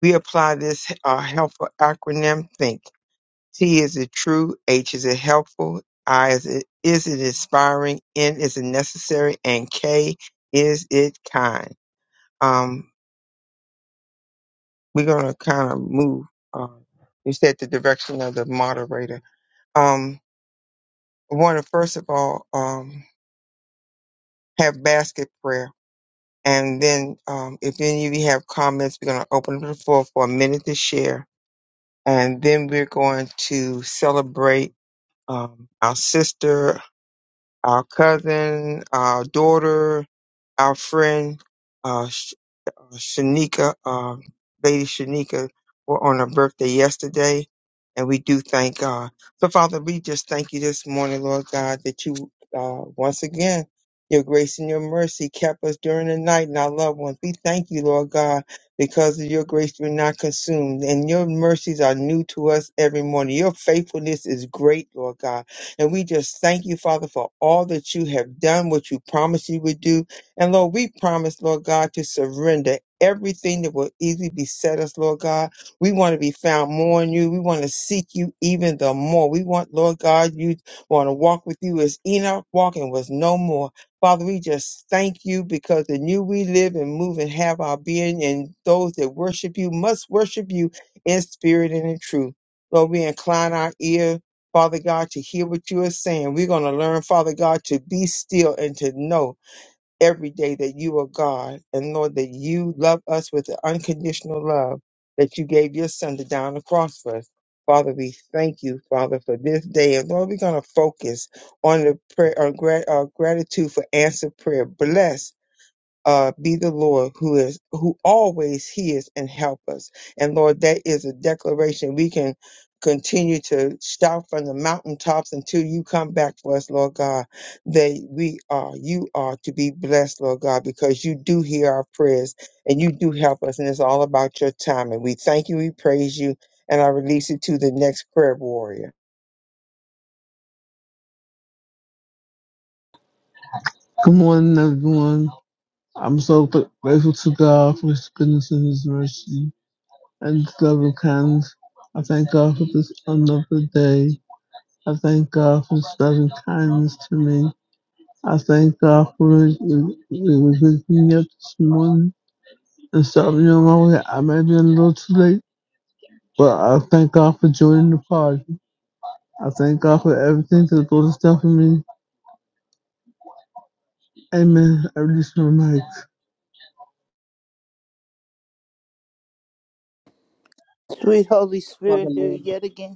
we apply this uh, helpful acronym THINK. T is it true, H is it helpful, I is it, is it inspiring, N is it necessary, and K is it kind. Um, we're going to kind of move. Uh, you said the direction of the moderator. um, want to first of all um, have basket prayer. And then um, if any of you have comments, we're going to open up the floor for a minute to share. And then we're going to celebrate um, our sister, our cousin, our daughter, our friend. uh, uh, Shanika, uh, Lady Shanika, were on her birthday yesterday, and we do thank God. So, Father, we just thank you this morning, Lord God, that you uh, once again. Your grace and your mercy kept us during the night and our loved ones. We thank you, Lord God, because of your grace we're not consumed and your mercies are new to us every morning. Your faithfulness is great, Lord God. And we just thank you, Father, for all that you have done, what you promised you would do, and Lord, we promise, Lord God, to surrender everything that will easily beset us, Lord God. We want to be found more in you. We want to seek you even the more. We want, Lord God, you want to walk with you as Enoch walking was no more. Father, we just thank you because in you we live and move and have our being, and those that worship you must worship you in spirit and in truth. Lord, we incline our ear, Father God, to hear what you are saying. We're going to learn, Father God, to be still and to know every day that you are God and Lord that you love us with the unconditional love that you gave your son to die on the cross for us. Father, we thank you, Father, for this day. And Lord, we're going to focus on the prayer, on grat- uh, gratitude for answered prayer. Bless uh, be the Lord who is who always hears and help us. And Lord, that is a declaration we can continue to shout from the mountaintops until you come back for us, Lord God. That we are, you are to be blessed, Lord God, because you do hear our prayers and you do help us, and it's all about your time. And we thank you, we praise you, and I release it to the next prayer warrior. Good morning, everyone. I'm so gr- grateful to God for His goodness and His mercy and His loving kindness. I thank God for this another day. I thank God for His loving kindness to me. I thank God for His waking me up this morning and starting me on my way. I may be a little too late, but I thank God for joining the party. I thank God for everything that the Lord has done for me. Amen. I release my mic. Sweet Holy Father Spirit, here Lord, yet again.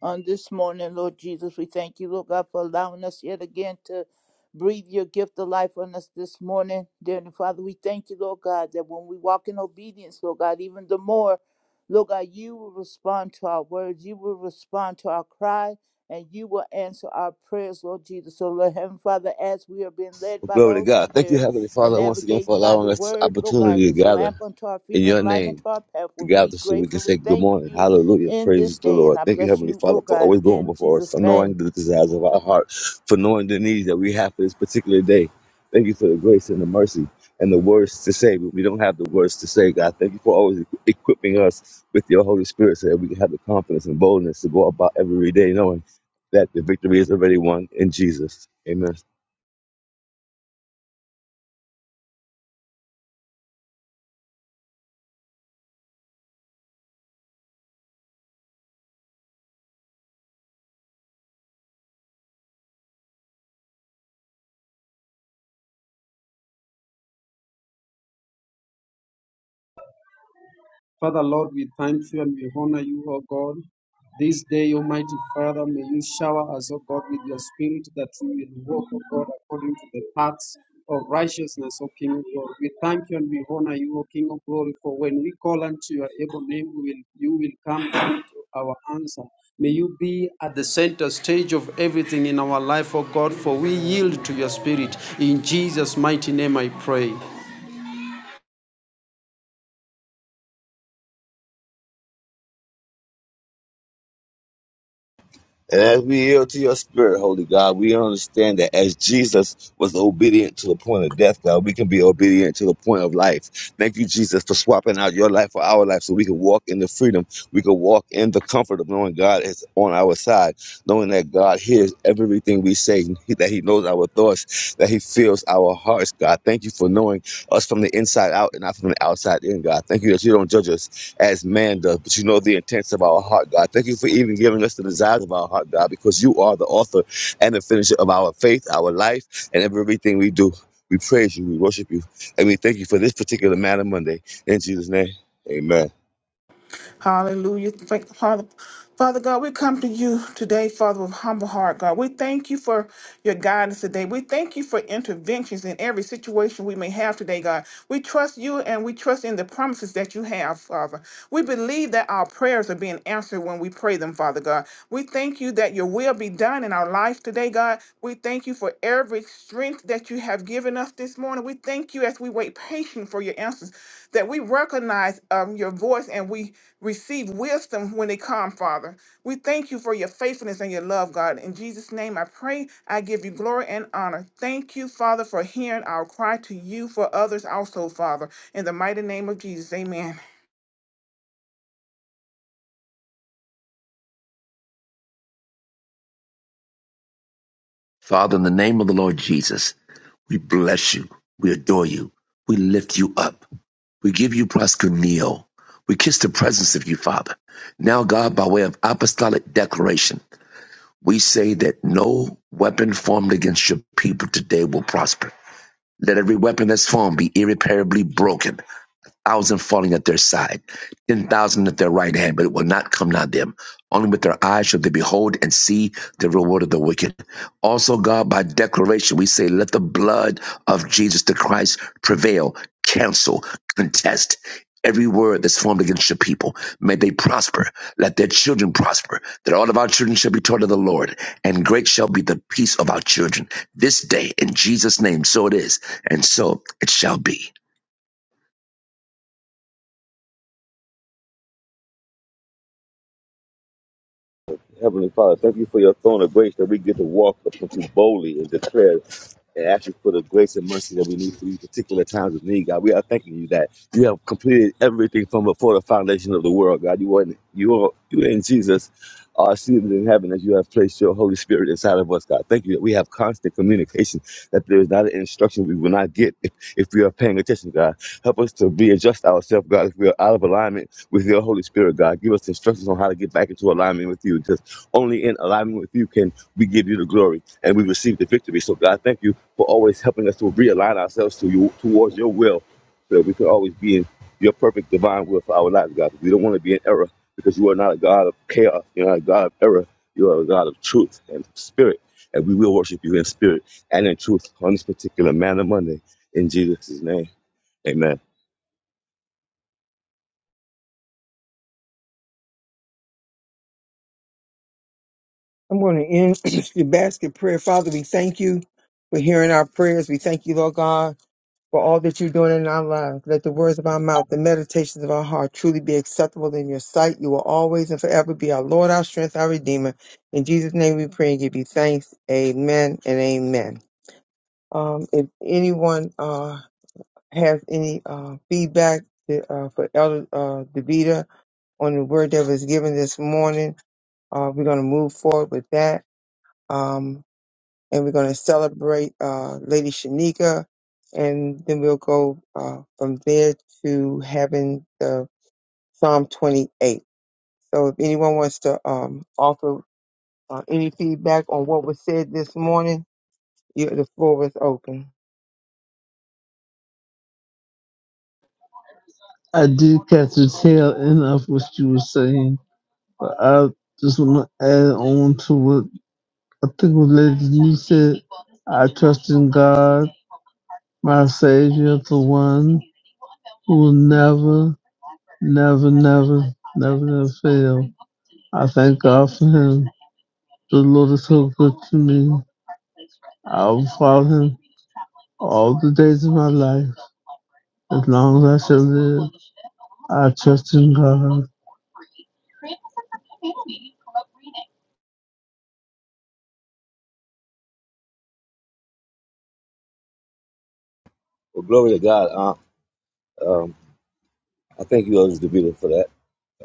on this morning, Lord Jesus. We thank you, Lord God, for allowing us yet again to breathe your gift of life on us this morning. Dear Heavenly Father, we thank you, Lord God, that when we walk in obedience, Lord God, even the more, Lord God, you will respond to our words, you will respond to our cry, and you will answer our prayers, Lord Jesus. So, Lord Heavenly Father, as we are being led by the glory to Holy God. Thank you, Spirit Heavenly and Father, once again for navigating by the allowing us this word, Lord God, opportunity to is a gather lamp unto our in feet and your light unto name, our to pathway. We gather so we can say gratefully good thank morning. you Hallelujah. in this Praise the day, and Lord. I Thank you, bless Heavenly you, Father, Lord for God, always going in before us, Jesus' for knowing name. the desires of our heart, for knowing the needs that we have for this particular day. Thank you for the grace and the mercy and the words to say. We don't have the words to say, God. Thank you for always equ- equipping us with your Holy Spirit so that we can have the confidence and boldness to go about every day knowing that the victory is already won in Jesus. Amen. Father Lord, we thank you and we honor you, O God. This day, Almighty Father, may you shower us, O God, with your spirit that we will walk, O God, according to the paths of righteousness, O King of glory. We thank you and we honor you, O King of glory, for when we call unto your able name, we will, you will come down to our answer. May you be at the center stage of everything in our life, O God, for we yield to your spirit. In Jesus' mighty name I pray. And as we yield to your spirit, Holy God, we understand that as Jesus was obedient to the point of death, God, we can be obedient to the point of life. Thank you, Jesus, for swapping out your life for our life so we can walk in the freedom. We can walk in the comfort of knowing God is on our side, knowing that God hears everything we say, that He knows our thoughts, that He feels our hearts, God. Thank you for knowing us from the inside out and not from the outside in, God. Thank you that you don't judge us as man does, but you know the intents of our heart, God. Thank you for even giving us the desires of our heart, God, because you are the author and the finisher of our faith, our life, and everything we do. We praise you, we worship you, and we thank you for this particular matter Monday. In Jesus' name, amen. Hallelujah. Thank, Father, Father God, we come to you today, Father, with humble heart, God. We thank you for your guidance today. We thank you for interventions in every situation we may have today, God. We trust you and we trust in the promises that you have, Father. We believe that our prayers are being answered when we pray them, Father God. We thank you that your will be done in our life today, God. We thank you for every strength that you have given us this morning. We thank you as we wait patient for your answers, that we recognize um, your voice and we receive wisdom when they come, Father. We thank you for your faithfulness and your love, God. In Jesus' name, I pray. I give you glory and honor. Thank you, Father, for hearing our cry to you for others also, Father. In the mighty name of Jesus, amen. Father, in the name of the Lord Jesus, we bless you. We adore you. We lift you up. We give you proskuneo. We kiss the presence of you, Father. Now, God, by way of apostolic declaration, we say that no weapon formed against your people today will prosper. Let every weapon that's formed be irreparably broken thousand falling at their side, ten thousand at their right hand, but it will not come nigh them. Only with their eyes shall they behold and see the reward of the wicked. Also, God, by declaration, we say, let the blood of Jesus the Christ prevail, cancel, contest every word that's formed against your people. May they prosper. Let their children prosper. That all of our children shall be taught of the Lord, and great shall be the peace of our children. This day, in Jesus' name, so it is, and so it shall be. Heavenly Father, thank you for your throne of grace that we get to walk up to you boldly and declare and ask you for the grace and mercy that we need for these particular times of need, God. We are thanking you that you have completed everything from before the foundation of the world, God. You are you are you and Jesus are seated in heaven as you have placed your Holy Spirit inside of us, God. Thank you that we have constant communication, that there is not an instruction we will not get if, if we are paying attention, God. Help us to readjust ourselves, God, if we are out of alignment with your Holy Spirit, God. Give us instructions on how to get back into alignment with you. Only in alignment with you can we give you the glory and we receive the victory. So God, thank you for always helping us to realign ourselves to you towards your will, so that we can always be in your perfect divine will for our lives, God. We don't want to be in error because you are not a God of chaos. You're not a God of error. You are a God of truth and spirit, and we will worship you in spirit and in truth on this particular man of Monday. In Jesus' name, Amen. I'm going to end the basket prayer. Father, we thank you for hearing our prayers. We thank you, Lord God for all that you're doing in our lives. Let the words of our mouth, the meditations of our heart truly be acceptable in your sight. You will always and forever be our Lord, our strength, our Redeemer. In Jesus' name we pray and give you thanks. Amen and amen. Um, if anyone uh, has any uh, feedback to, uh, for Elder uh, DeVita on the word that was given this morning, uh, we're going to move forward with that. Um, and we're going to celebrate uh, Lady Shanika, and then we'll go uh, from there to having the Psalm 28. So if anyone wants to um, offer uh, any feedback on what was said this morning, you, the floor is open. I did catch the tail end of what you were saying. I just want to add on to what I think what Lady Denise said. I trust in God, my Savior, the one who will never, never, never, never, never fail. I thank God for him. The Lord is so good to me. I will follow him all the days of my life as long as I shall live. I trust in God. Well, glory to God. Uh, um, I thank you, Elder Davida, for that.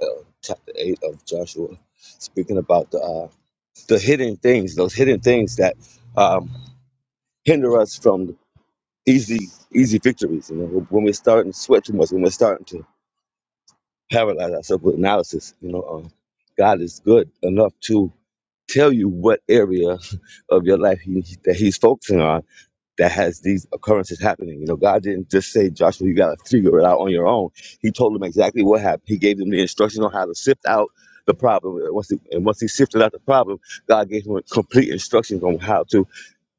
uh, chapter 8 of Joshua, speaking about the, uh, the hidden things, those hidden things that um, hinder us from easy easy victories. You know, when we're starting to sweat too much, when we're starting to paralyze ourselves with analysis, you know, um, God is good enough to tell you what area of your life he, that He's focusing on that has these occurrences happening. You know, God didn't just say, Joshua, you got to figure it out on your own. He told them exactly what happened. He gave them the instructions on how to sift out the problem. And once he, and once he sifted out the problem, God gave him complete instructions on how to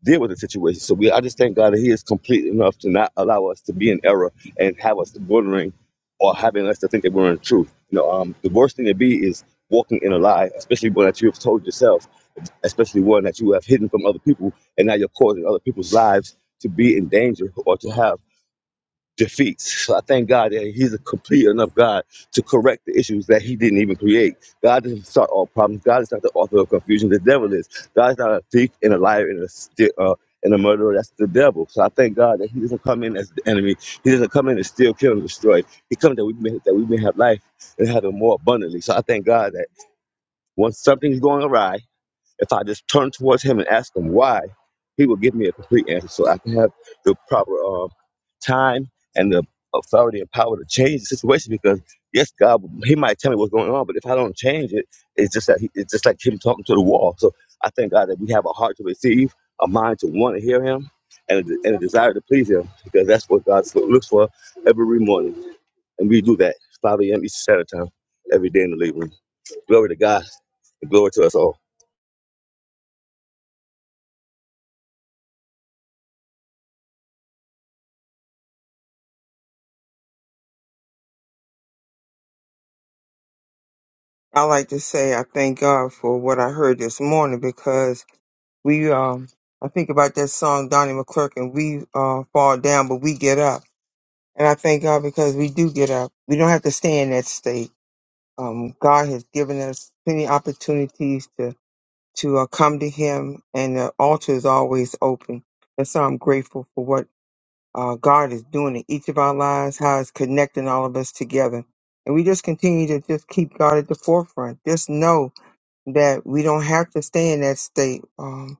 deal with the situation. So we, I just thank God that He is complete enough to not allow us to be in error and have us wondering or having us to think that we're in truth. You know, um, the worst thing to be is walking in a lie, especially one that you have told yourself, especially one that you have hidden from other people, and now you're causing other people's lives to be in danger or to have defeats. So I thank God that He's a complete enough God to correct the issues that He didn't even create. God doesn't start all problems. God is not the author of confusion. The devil is. God is not a thief and a liar and a sti- uh, and a murderer. That's the devil. So I thank God that He doesn't come in as the enemy. He doesn't come in to steal, kill, and destroy. He comes that we may, that we may have life and have it more abundantly. So I thank God that once something's going awry. If I just turn towards him and ask him why, he will give me a complete answer so I can have the proper um, time and the authority and power to change the situation because yes god he might tell me what's going on but if i don't change it it's just that he, it's just like him talking to the wall so i thank god that we have a heart to receive a mind to want to hear him and a, de- and a desire to please him because that's what god so- looks for every morning and we do that 5 a.m eastern standard time every day in the living room glory to god and glory to us all I like to say I thank God for what I heard this morning because we, um, I think about that song Donnie McClurkin, and we uh, fall down but we get up, and I thank God because we do get up. We don't have to stay in that state um, God has given us many opportunities to to uh, come to Him, and the altar is always open. And so I'm grateful for what uh, God is doing in each of our lives, how it's connecting all of us together. And we just continue to just keep God at the forefront. Just know that we don't have to stay in that state, um,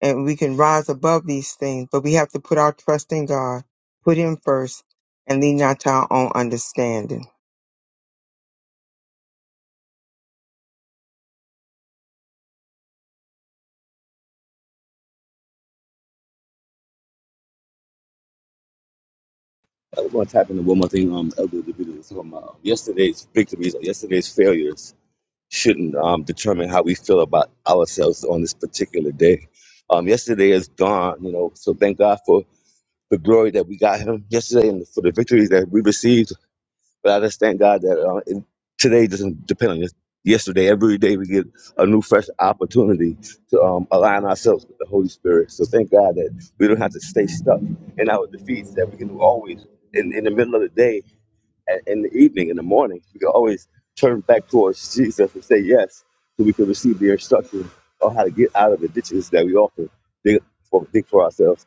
and we can rise above these things. But we have to put our trust in God, put Him first, and lean not to our own understanding. I want to tap into one more thing. Um, Elder DeVito was talking about um, yesterday's victories or yesterday's failures shouldn't um, determine how we feel about ourselves on this particular day. Um, yesterday is gone, you know. So thank God for the glory that we got Him yesterday and for the victories that we received. But I just thank God that uh, it, today doesn't depend on this. Yesterday, every day we get a new, fresh opportunity to um, align ourselves with the Holy Spirit. So thank God that we don't have to stay stuck in our defeats. That we can always, in, in the middle of the day, a- in the evening, in the morning, we can always turn back towards Jesus and say yes, so we can receive the instruction on how to get out of the ditches that we often dig for, dig for ourselves.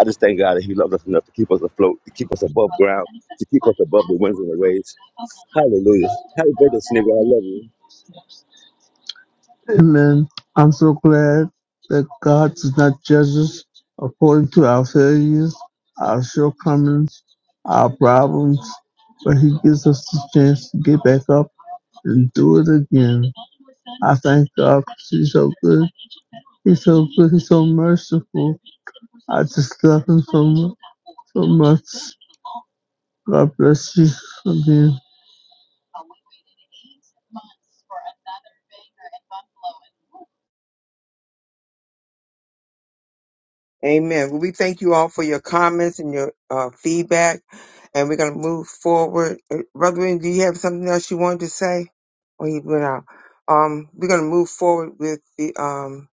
I just thank God that He loved us enough to keep us afloat, to keep us above ground, to keep us above the winds and the waves. Hallelujah. Happy birthday, Sneaker. I love you. Amen. I'm so glad that God does not judge us according to our failures, our shortcomings, our problems, but He gives us the chance to get back up and do it again. I thank God 'cause He's so good. He's so good. He's so merciful. I just love Him so much. So much. God bless you for being. Amen. Well, we thank you all for your comments and your uh, feedback, and we're going to move forward. Uh, Brother, do you have something else you wanted to say? Or he went out. Um, we're going to move forward with the um,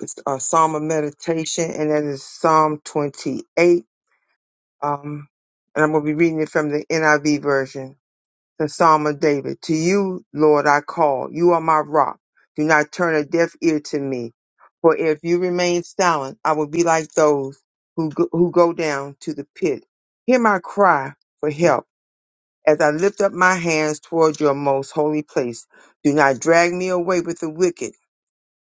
it's, uh, Psalm of Meditation, and that is Psalm 28. Um, and I'm going to be reading it from the NIV version the Psalm of David. To you, Lord, I call. You are my rock. Do not turn a deaf ear to me. For if you remain silent, I will be like those who go, who go down to the pit. Hear my cry for help as I lift up my hands toward your most holy place. Do not drag me away with the wicked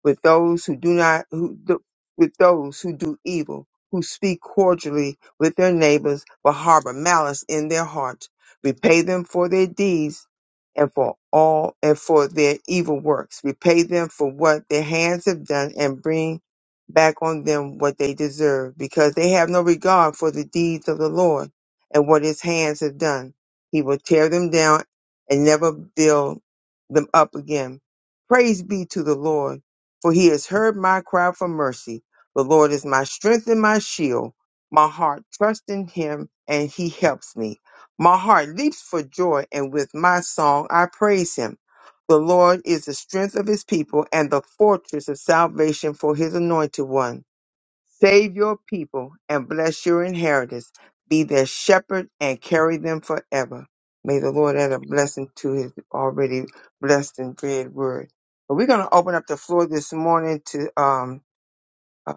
with those who do not who do, with those who do evil, who speak cordially with their neighbors but harbor malice in their heart. Repay them for their deeds and for all and for their evil works. Repay them for what their hands have done and bring back on them what they deserve, because they have no regard for the deeds of the Lord and what his hands have done. He will tear them down and never build them up again. Praise be to the Lord for he has heard my cry for mercy. The Lord is my strength and my shield. My heart trusts in him, and he helps me. My heart leaps for joy, and with my song I praise him. The Lord is the strength of his people and the fortress of salvation for his anointed one. Save your people and bless your inheritance. Be their shepherd and carry them forever. May the Lord add a blessing to his already blessed and read word. But we're going to open up the floor this morning to um, uh,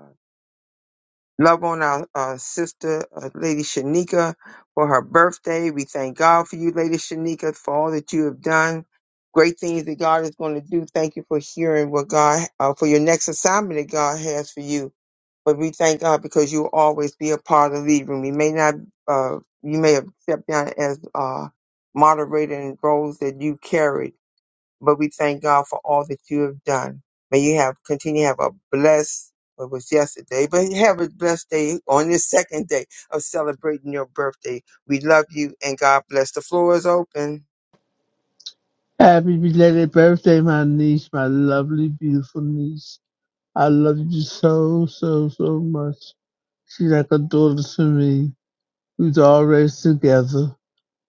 love on our uh, sister, uh, Lady Shanika, for her birthday. We thank God for you, Lady Shanika, for all that you have done. Great things that God is going to do. Thank you for hearing what God, uh, for your next assignment that God has for you. But we thank God because you will always be a part of the lead room. You may not, uh, you may have stepped down as uh, moderator in roles that you carried, but we thank God for all that you have done. May you have continue to have a blessed. It was yesterday, but have a blessed day on this second day of celebrating your birthday. We love you and God bless. The floor is open. Happy belated birthday, my niece, my lovely, beautiful niece. I love you so, so, so much. She's like a daughter to me. We've always together.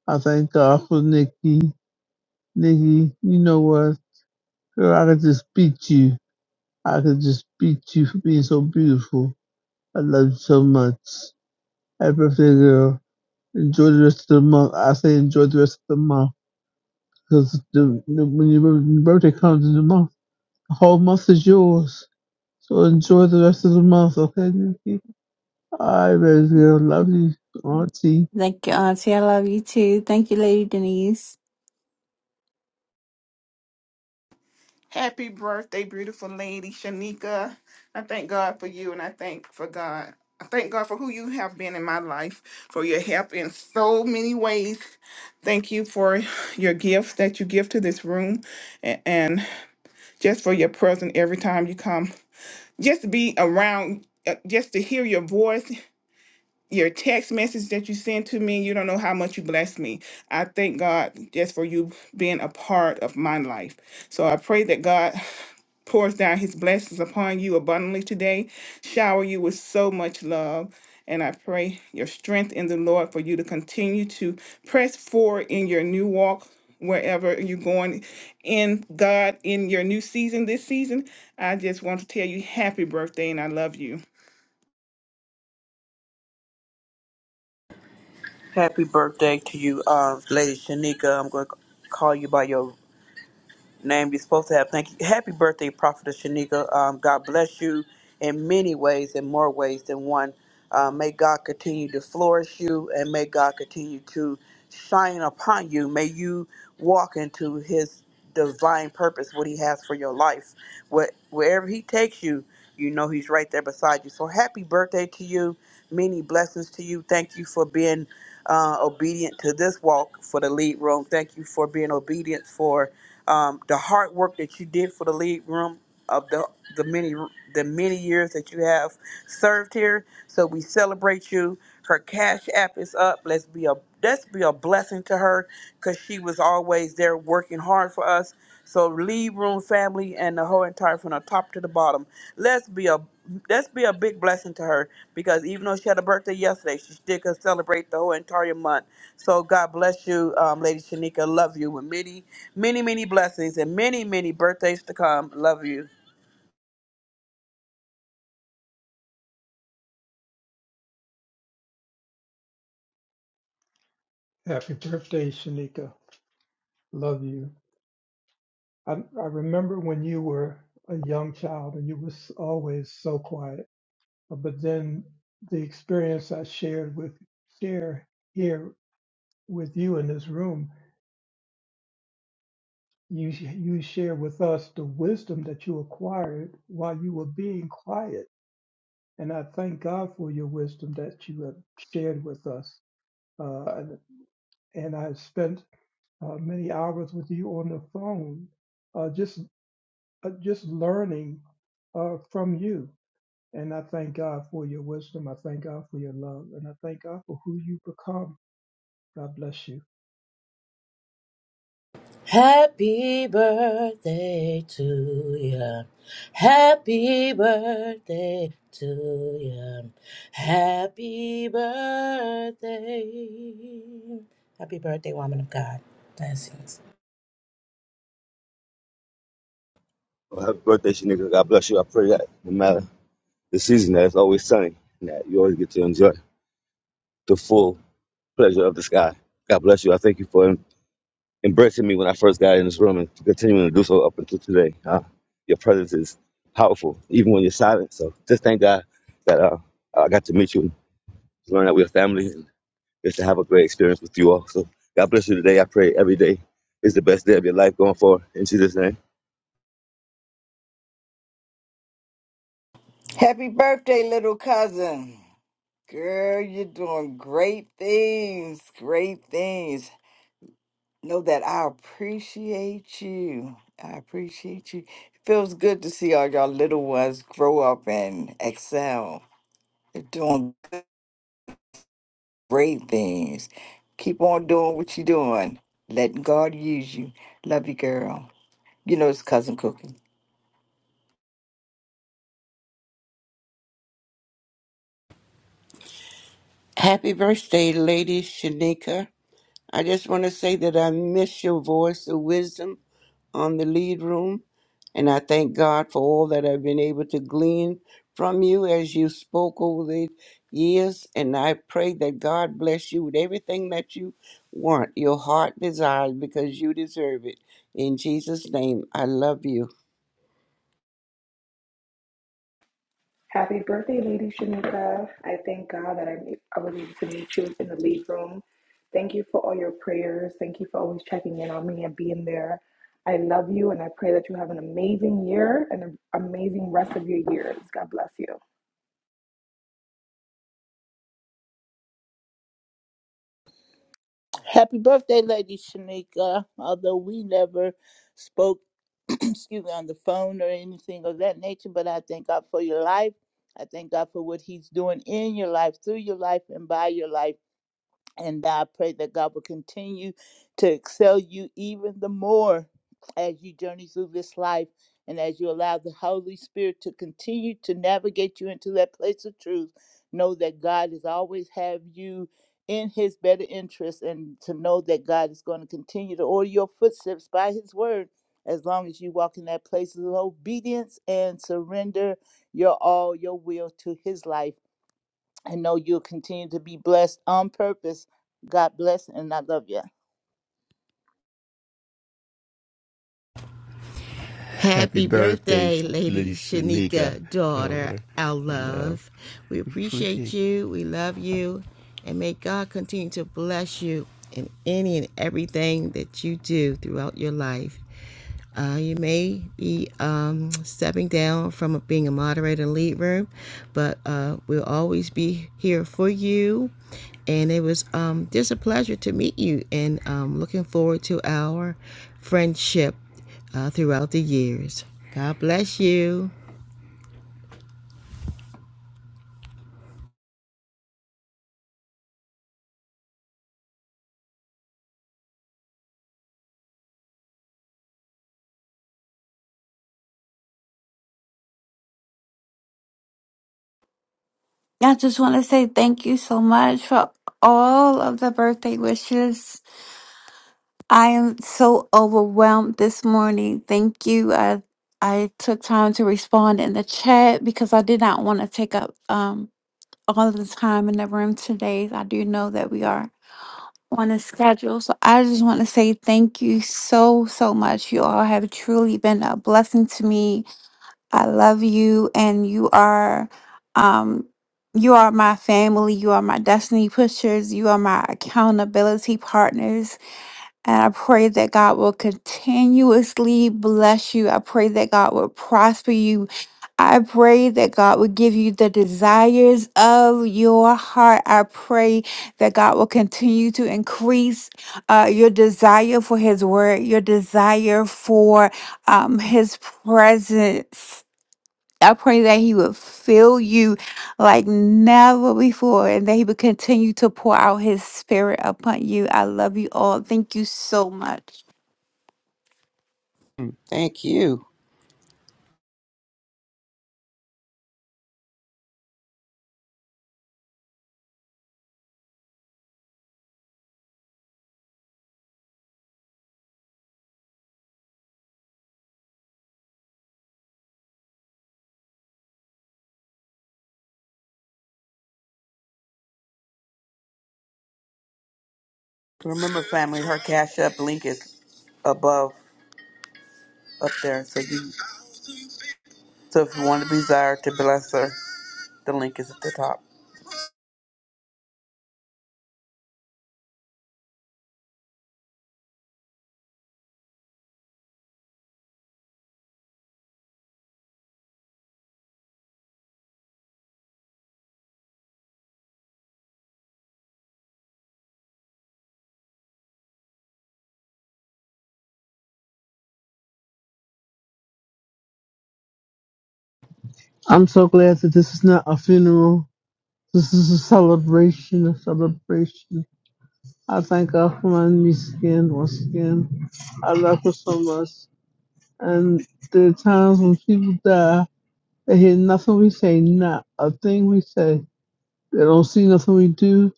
I thank God for Nikki. Nikki, you know what? Girl, I could just beat you. I could just beat you for being so beautiful. I love you so much. Happy birthday, girl. Enjoy the rest of the month. I say enjoy the rest of the month because the, the, when your bir- birthday comes in the month, the whole month is yours. So enjoy the rest of the month, okay, Nikki? All right, baby girl. Love you, Auntie. Thank you, Auntie. I love you too. Thank you, Lady Denise. Happy birthday, beautiful lady Shanika. I thank God for you and I thank for God. I thank God for who you have been in my life, for your help in so many ways. Thank you for your gifts that you give to this room a- and. just for your presence every time you come, just to be around, uh, just to hear your voice, your text message that you send to me. You don't know how much you bless me. I thank God just for you being a part of my life. So I pray that God pours down his blessings upon you abundantly today, shower you with so much love. And I pray your strength in the Lord for you to continue to press forward in your new walk, wherever you're going in God in your new season this season. I just want to tell you happy birthday and I love you. Happy birthday to you, um, Lady Shanika. I'm going to call you by your name you're supposed to have. Thank you. Happy birthday, Prophetess Shanika. Um, God bless you in many ways in more ways than one. Uh, may God continue to flourish you and may God continue to shine upon you. May you walk into his divine purpose, what he has for your life. What, wherever he takes you, you know he's right there beside you. So happy birthday to you. Many blessings to you. Thank you for being uh, obedient to this walk for the lead room. Thank you for being obedient for um, the hard work that you did for the lead room of the the many the many years that you have served here. So we celebrate you. Her cash app is up. Let's be a let's be a blessing to her because she was always there working hard for us. So lead room family and the whole entire from the top to the bottom. Let's be a Let's be a big blessing to her because even though she had a birthday yesterday, she still can celebrate the whole entire month. So God bless you, um, Lady Shanika. Love you with many, many, many blessings and many, many birthdays to come. Love you. Happy birthday, Shanika. Love you. I, I remember when you were a young child and you was always so quiet but then the experience I shared with share here with you in this room, you you share with us the wisdom that you acquired while you were being quiet, and I thank God for your wisdom that you have shared with us. Uh, and, and I spent uh, many hours with you on the phone, uh, just uh, just learning uh, from you. And I thank God for your wisdom. I thank God for your love, and I thank God for who you become. God bless you. Happy birthday to you. Happy birthday to you. Happy birthday. Happy birthday, woman of God. Blessings. Well, happy birthday, Sneaker. God bless you. I pray that no matter the season that it's always sunny, and that you always get to enjoy the full pleasure of the sky. God bless you. I thank you for em- embracing me when I first got in this room and continuing to do so up until today. Uh, your presence is powerful, even when you're silent. So just thank God that uh, I got to meet you and learn that we're family and just to have a great experience with you all. So God bless you today. I pray every day is the best day of your life going forward. In Jesus' name, Happy birthday, little cousin. Girl, you're doing great things, great things. Know that I appreciate you. I appreciate you. It feels good to see all y'all little ones grow up and excel. you are doing great things. Keep on doing what you're doing. Let God use you. Love you, girl. You know it's cousin cooking. Happy birthday, Lady Shanika. I just want to say that I miss your voice of wisdom on the lead room, and I thank God for all that I've been able to glean from you as you spoke over the years. And I pray that God bless you with everything that you want, your heart desires, because you deserve it. In Jesus' name, I love you. Happy birthday, Lady Shanika. I thank God that I, I was able to meet you in the lead room. Thank you for all your prayers. Thank you for always checking in on me and being there. I love you and I pray that you have an amazing year and an amazing rest of your years. God bless you. Happy birthday, Lady Shanika. Although we never spoke, excuse me, on the phone or anything of that nature, but I thank God for your life. I thank God for what He's doing in your life, through your life, and by your life. And I pray that God will continue to excel you even the more as you journey through this life and as you allow the Holy Spirit to continue to navigate you into that place of truth. Know that God has always have you in his better interest and to know that God is going to continue to order your footsteps by his word as long as you walk in that place of obedience and surrender your all, your will to his life I know you'll continue to be blessed on purpose. God bless and I love you. Happy birthday, Lady Shanika, daughter, our love. We appreciate Appreciate you. We love you. And may God continue to bless you in any and everything that you do throughout your life. Uh, you may be um, stepping down from being a moderator in lead room, but uh, we'll always be here for you. And it was um, just a pleasure to meet you, and um, looking forward to our friendship uh, throughout the years. God bless you. I just want to say thank you so much for all of the birthday wishes. I am so overwhelmed this morning. Thank you. I I took time to respond in the chat because I did not want to take up um all of the time in the room today. I do know that we are on a schedule. So I just want to say thank you so so much. You all have truly been a blessing to me I love you, and you are, um, you are my family. You are my destiny pushers. You are my accountability partners. And I pray that God will continuously bless you. I pray that God will prosper you. I pray that God will give you the desires of your heart. I pray that God will continue to increase uh, your desire for His word, your desire for um, His presence I pray that He would fill you like never before and that He would continue to pour out His Spirit upon you. I love you all. Thank you so much. Thank you. Remember, family, her cash up link is above up there. So you, so if you want to desire to bless her, the link is at the top. I'm so glad that this is not a funeral. This is a celebration, a celebration. I thank God for my niece again, once again. I love her so much. And there are times when people die, they hear nothing we say, not a thing we say. They don't see nothing we do.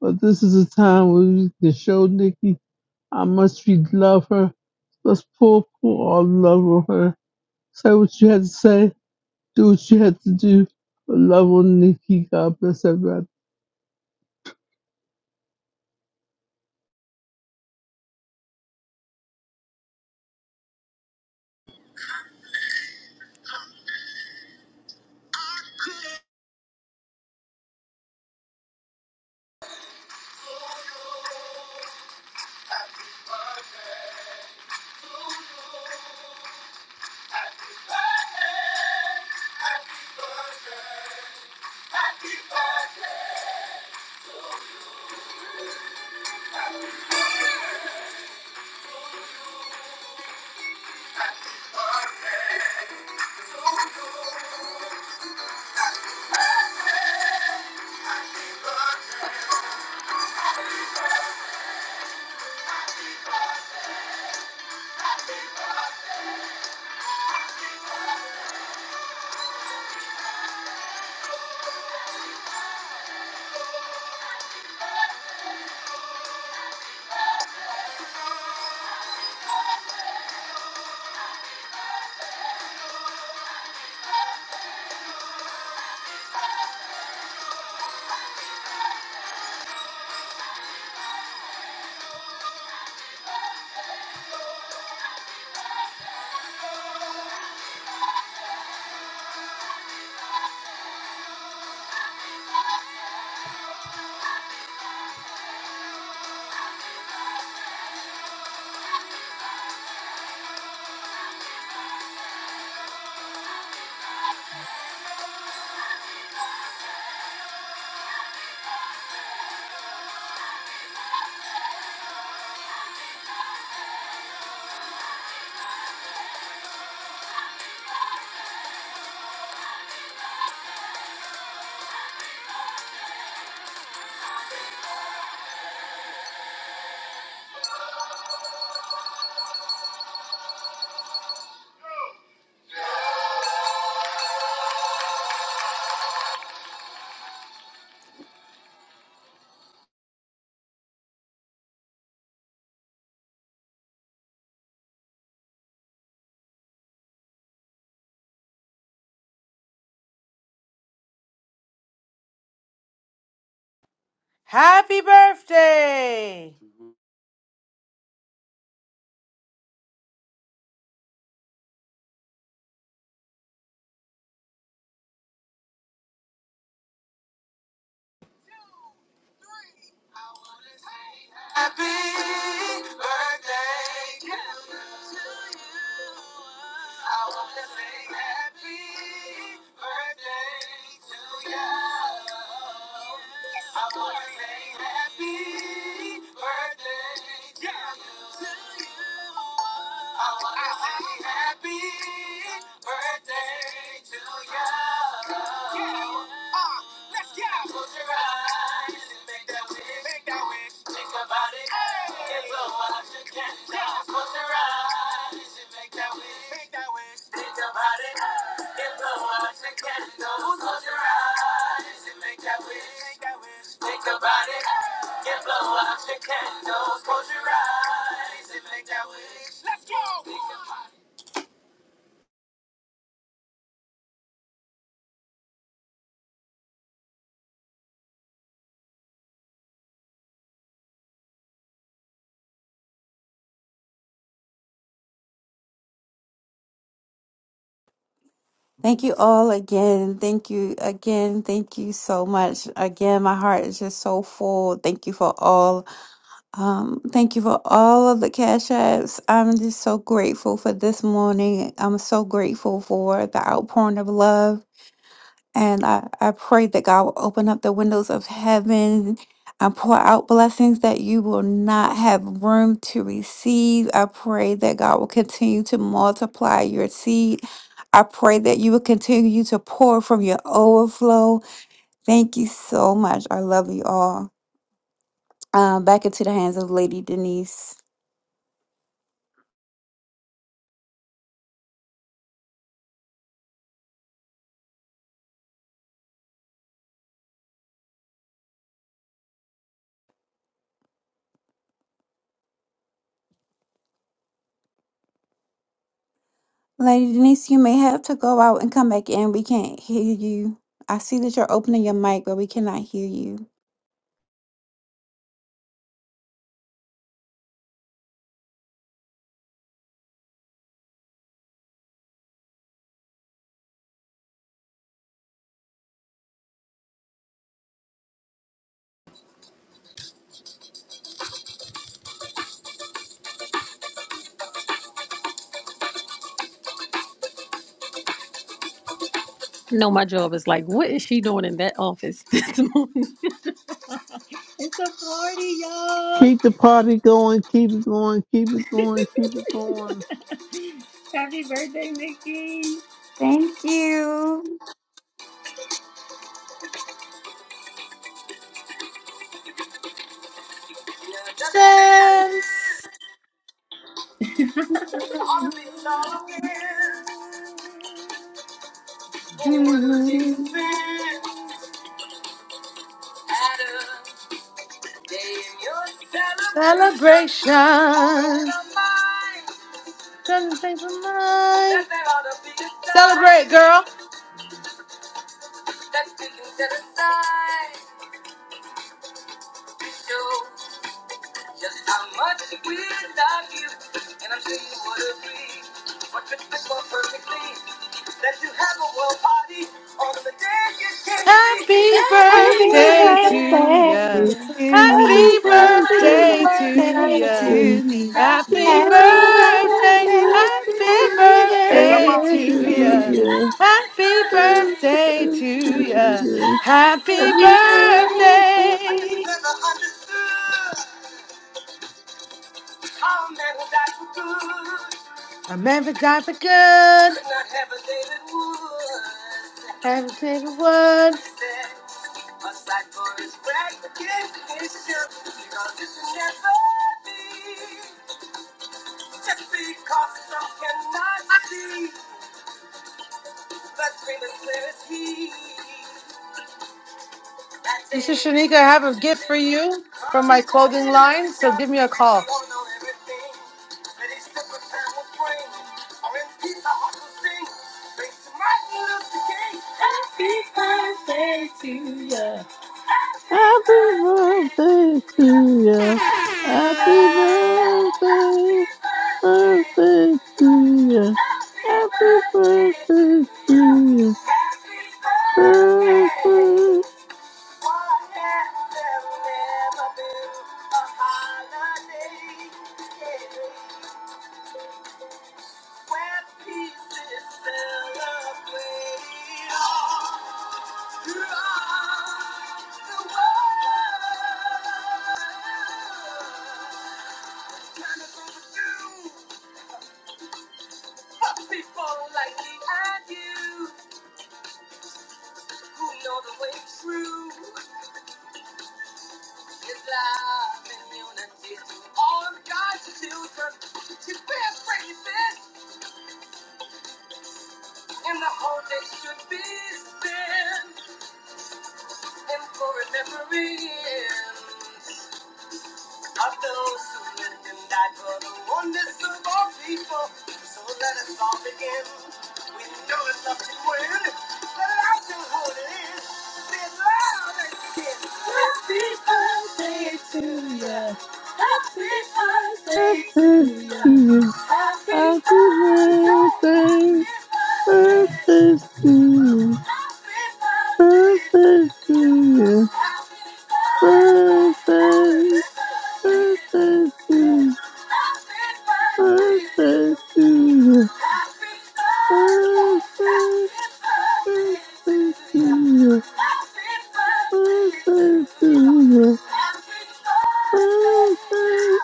But this is a time where we can show Nikki how much we love her. Let's pour, pour our love on her. Say what you had to say. do what you have to do. I love on Nikki. God bless everybody. I can't believe it's over. Happy birthday! Happy birthday to you. I want to say happy birthday to you. I want to say happy birthday to you. I want to say happy birthday to you. Let's go. Close your eyes and make that wish. Make that wish. Think about it. Hey. It's a watch you can yeah. Close your eyes and make that wish. Make that wish. Think about it. Hey. It's a watch you can Close your eyes and make that wish. Make that wish. Think about it. Hey. It's a watch you can Close your eyes and make that wish. Let's go. Think about it. Thank you all again. Thank you again. Thank you so much. Again, my heart is just so full. Thank you for all. Um, thank you for all of the cash apps. I'm just so grateful for this morning. I'm so grateful for the outpouring of love. And I, I pray that God will open up the windows of heaven and pour out blessings that you will not have room to receive. I pray that God will continue to multiply your seed. I pray that you will continue to pour from your overflow. Thank you so much. I love you all. Um, back into the hands of Lady Denise. Lady Denise, you may have to go out and come back in. We can't hear you. I see that you're opening your mic, but we cannot hear you. No, my job is like, what is she doing in that office this morning? It's a party, y'all. Keep the party going. Keep it going. Keep it going. Keep it going. Happy birthday, Nikki. Yeah, Thank you. Since Anyone who takes offense at a day in your celebration. 'Cause we all know in Celebration. our minds Doesn't change my mind. that there ought to be a Celebrate, time girl. that we can set aside to show just how much we love you. And I'm sure you would agree. What could fit more perfectly that you have a world party on the day you Happy gave Happy me? birthday to birthday ya. to Happy me. Happy Happy birthday. birthday to birthday ya. to Happy me. Happy Happy birthday. birthday. birthday. Happy Happy Happy birthday birthday birthday to to to ya. me. you. Happy birthday Birthday to to ya. you. Happy Happy I birthday. just birthday. never understood how a man would die for good. Remember die for good. Could not have a day that would. Haven't taken He one. said, aside for his recognition, because it can never be. Just because some cannot see, but dream as clear as he. That This is day Shanika. I have a I'm born gift for you from my clothing in line. So Lucia, give me a and we call. all know everything. That is the good time of praying. R.M.P. I heart will sing. Thanks to Martin Luther King. Happy birthday to you. Happy Happy birthday to birthday to you! you. Happy Happy birthday birthday Birthday to to you! you. Happy Happy birthday birthday to to you. you! Happy birthday. Birthday Why has there never been a holiday where peace is celebrated throughout the world? Time is overdue for people like me and you who know the way through is love and unity to All of God's children, to bear praises And the whole day should be spent in remembrance of those who lived and died for the oneness of all people. So let us all begin. We know it's up to win. Let it out to hold it in. Say it loud and begin. Thanks and to you. happy Happy birthday. birthday. Birthday to you. Happy birthday. Happy birthday to Birthday to you. you. Happy birthday. Happy Birthday. birthday. Birthday to Birthday to you. Birthday. Birthday to you. Birthday to you. Birthday.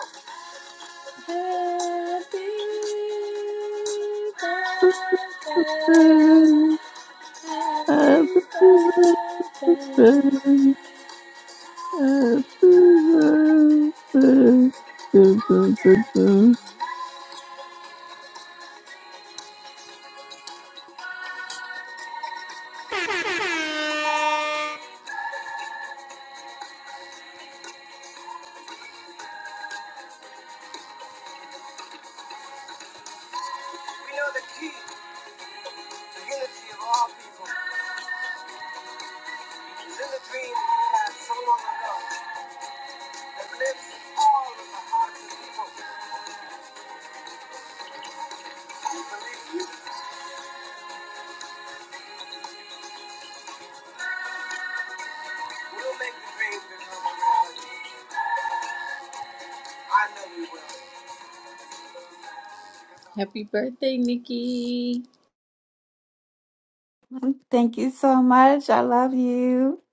Birthday. Happy We birthday, happy birthday. Dun, dun, dun, dun. know the key to unity of all people is in the dream that we had so long ago. Happy birthday, Nikki. Thank you so much. I love you.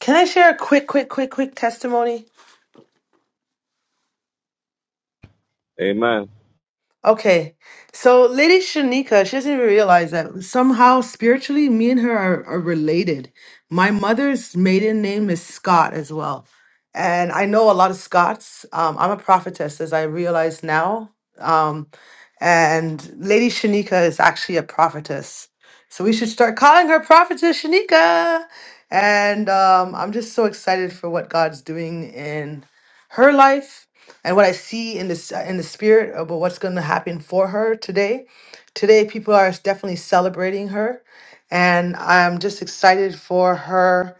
Can I share a quick, quick, quick, quick testimony? amen. Okay, so Lady Shanika, she doesn't even realize that somehow spiritually, me and her are, are related. My mother's maiden name is Scott as well. And I know a lot of Scots. Um, I'm a prophetess, as I realize now. Um, and Lady Shanika is actually a prophetess. So we should start calling her Prophetess Shanika. And um, I'm just so excited for what God's doing in her life and what I see in this in the spirit about what's going to happen for her today. Today, people are definitely celebrating her, and I'm just excited for her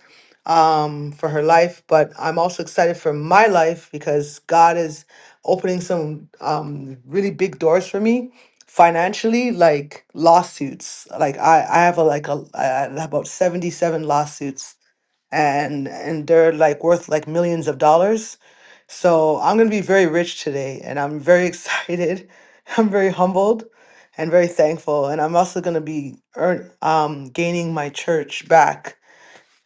um for her life but i'm also excited for my life because god is opening some um really big doors for me financially like lawsuits like i i have a like a I have about 77 lawsuits and and they're like worth like millions of dollars so I'm going to be very rich today, and I'm very excited. I'm very humbled and very thankful. And I'm also going to be earn, um, gaining my church back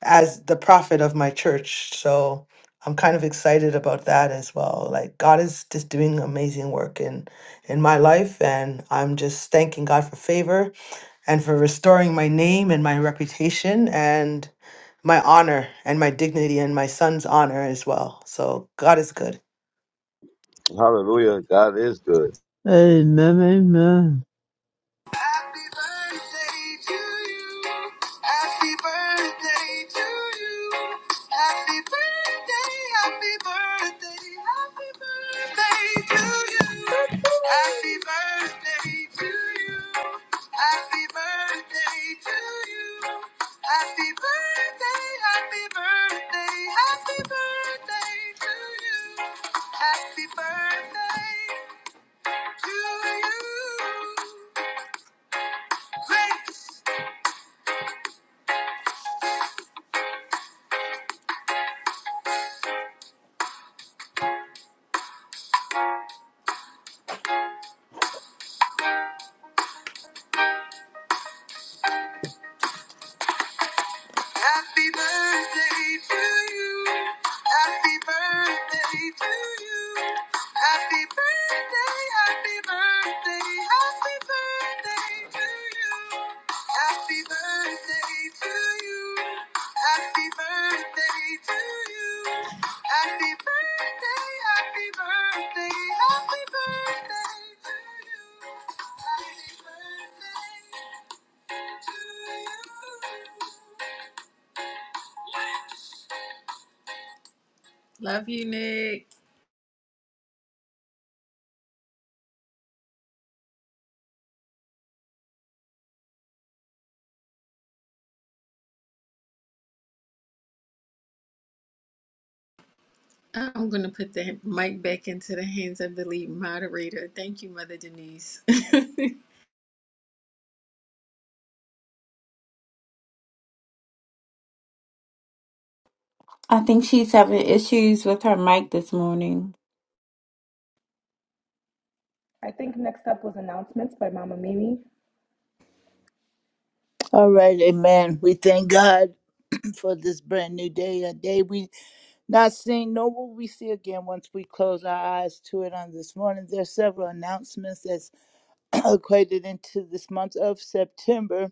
as the prophet of my church. So I'm kind of excited about that as well. Like God is just doing amazing work in in my life, and I'm just thanking God for favor and for restoring my name and my reputation and my honor and my dignity and my son's honor as well. So God is good. Hallelujah. God is good. Amen, amen. Happy birthday to you. Happy birthday to you. Happy birthday, happy birthday, happy birthday to you. Happy birthday to you. Happy birthday to you. Happy birthday, happy birthday, happy birthday to you. Happy birthday to you. Grace. Happy birthday to you. Happy birthday to you. Happy birthday, happy birthday, happy birthday to you. Happy birthday to you. Happy birthday to you. Happy birthday, happy birthday, happy birthday to you. Happy birthday to you. Love you, Nick. I'm going to put the mic back into the hands of the lead moderator. Thank you, Mother Denise. I think she's having issues with her mic this morning. I think next up was announcements by Mama Mimi. All right, amen. We thank God for this brand new day, a day we not seen, nor will we see again once we close our eyes to it on this morning. There are several announcements that's equated into this month of September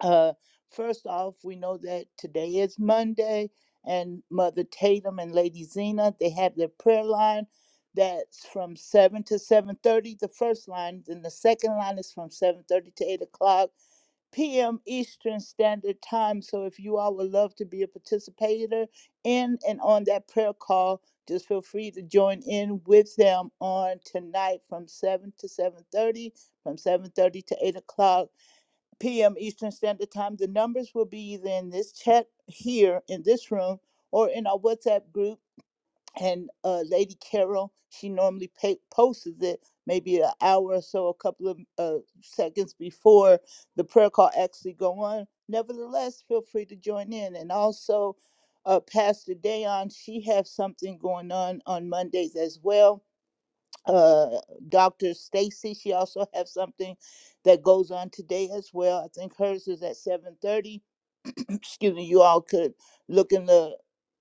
Uh, first off, we know that today is Monday, and Mother Tatum and Lady Zena they have their prayer line. That's from seven to seven thirty. The first line, then the second line is from seven thirty to eight o'clock p.m. Eastern Standard Time. So if you all would love to be a participator in and on that prayer call, just feel free to join in with them on tonight from seven to seven thirty, from seven thirty to eight o'clock p.m. Eastern Standard Time. The numbers will be either in this chat here in this room or in our WhatsApp group. And uh, Lady Carol, she normally pa- posts it maybe an hour or so, a couple of uh, seconds before the prayer call actually go on. Nevertheless, feel free to join in. And also, uh, Pastor Dayon, she has something going on on Mondays as well uh Dr. Stacy. She also has something that goes on today as well. I think hers is at 7:30. Excuse me, you all could look in the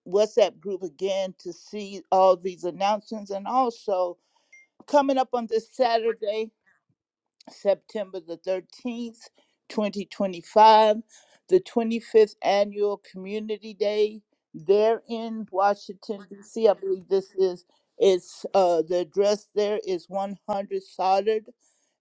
WhatsApp group again to see all these announcements and also coming up on this Saturday. September the 13th, 2025, the 25th Annual Community Day there in Washington, D.C. I believe this is, it's, uh, the address there is 100 Soldered,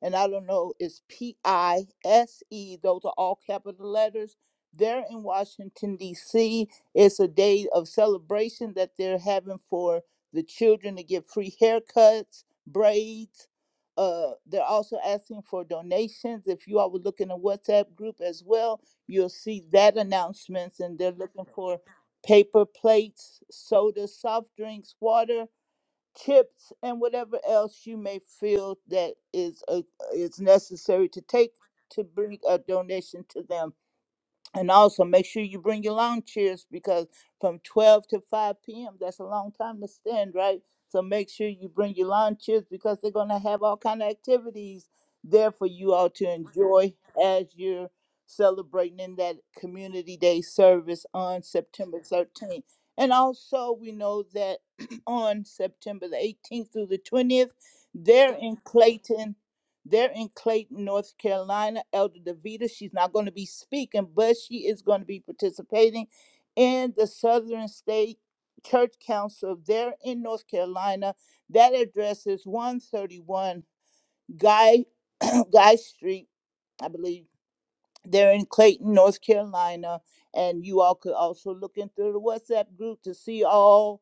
and I don't know, it's P I S E, those are all capital letters. There in Washington, D.C., it's a day of celebration that they're having for the children to get free haircuts, braids, uh, they're also asking for donations. If you all would look in the WhatsApp group as well, you'll see that announcements, and they're looking for paper plates, soda, soft drinks, water, chips, and whatever else you may feel that is uh is necessary to take to bring a donation to them and also make sure you bring your lawn chairs because from 12 to 5 p.m. that's a long time to stand, right? So make sure you bring your lawn chairs because they're going to have all kind of activities there for you all to enjoy as you're celebrating in that community day service on September 13th. And also we know that on September the 18th through the 20th, they're in Clayton they're in Clayton, North Carolina. Elder Davita, she's not going to be speaking, but she is going to be participating in the Southern State Church Council there in North Carolina. That address is 131 Guy, Guy Street, I believe. They're in Clayton, North Carolina. And you all could also look into the WhatsApp group to see all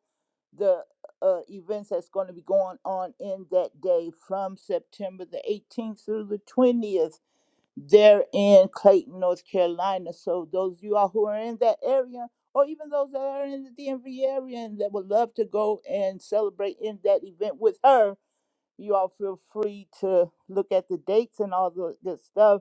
the uh, events that's going to be going on in that day from September the 18th through the 20th. They're in Clayton, North Carolina. So, those of you all who are in that area, or even those that are in the DMV area and that would love to go and celebrate in that event with her, you all feel free to look at the dates and all the good stuff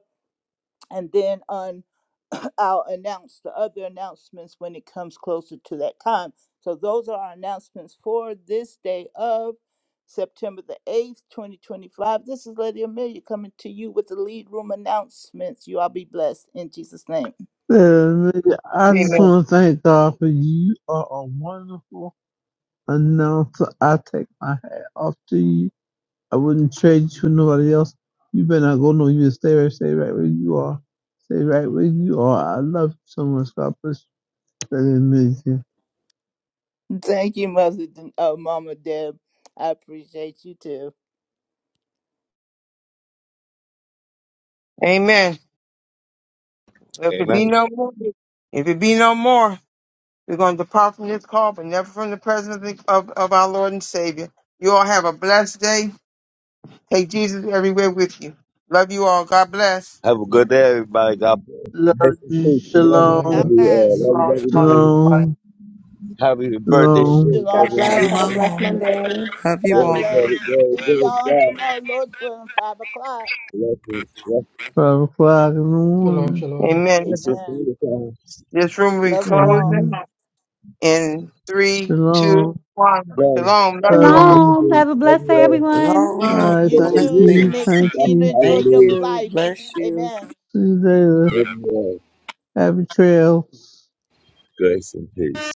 and then on I'll announce the other announcements when it comes closer to that time. So those are our announcements for this day of September the 8th, 2025. This is Lady Amelia coming to you with the lead room announcements. You all be blessed in Jesus' name. Uh, I just Amen. want to thank God for you. You are a wonderful announcer. I take my hat off to you. I wouldn't trade you for nobody else. You better not go no. You stay right, stay right where you are. Stay right where you are. I love you so much. God bless you. Better than me. Thank you, Mother, Den- uh, Mama Deb. I appreciate you too. Amen. If it be Amen. no more, if it be no more. We're going to depart from this call, but never from the presence of, of our Lord and Savior. You all have a blessed day. Take Jesus everywhere with you. Love you all. God bless. Have a good day, everybody. God bless. Love Rest in you. peace. Love you. Amen. God Love Shalom. God you. bless bless. Uh, you. love you. Love you. Shalom. Love you. Happy birthday Shalom, again, Shalom, God Cousin bless. Have shalom. a Mika. blessed Shalom. Monday. Love you God Glory, all. glory, bless. glory, Hear glory to y'all on God. tomorrow, Lord's willing, 5 o'clock. Blessings. Blessings. five o'clock in the Shalom, morning. shalom. Amen. It's just Amen. the time. This room will be Love you all. closing Amen. in three, two, Shalom, one. Amen. Shalom. Love you love all. Rest in you. Shalom. Have peace. a Love blessed you day, all. everyone. All Long Happy Oh, right, You thank birthday, shalom. too, Blessings. you. you, Shanique. thank That's Continue to the you. enjoy Thank your hallelujah. you. life. Bless you. Amen. See you later. Love you all. Happy trail. Grace and peace.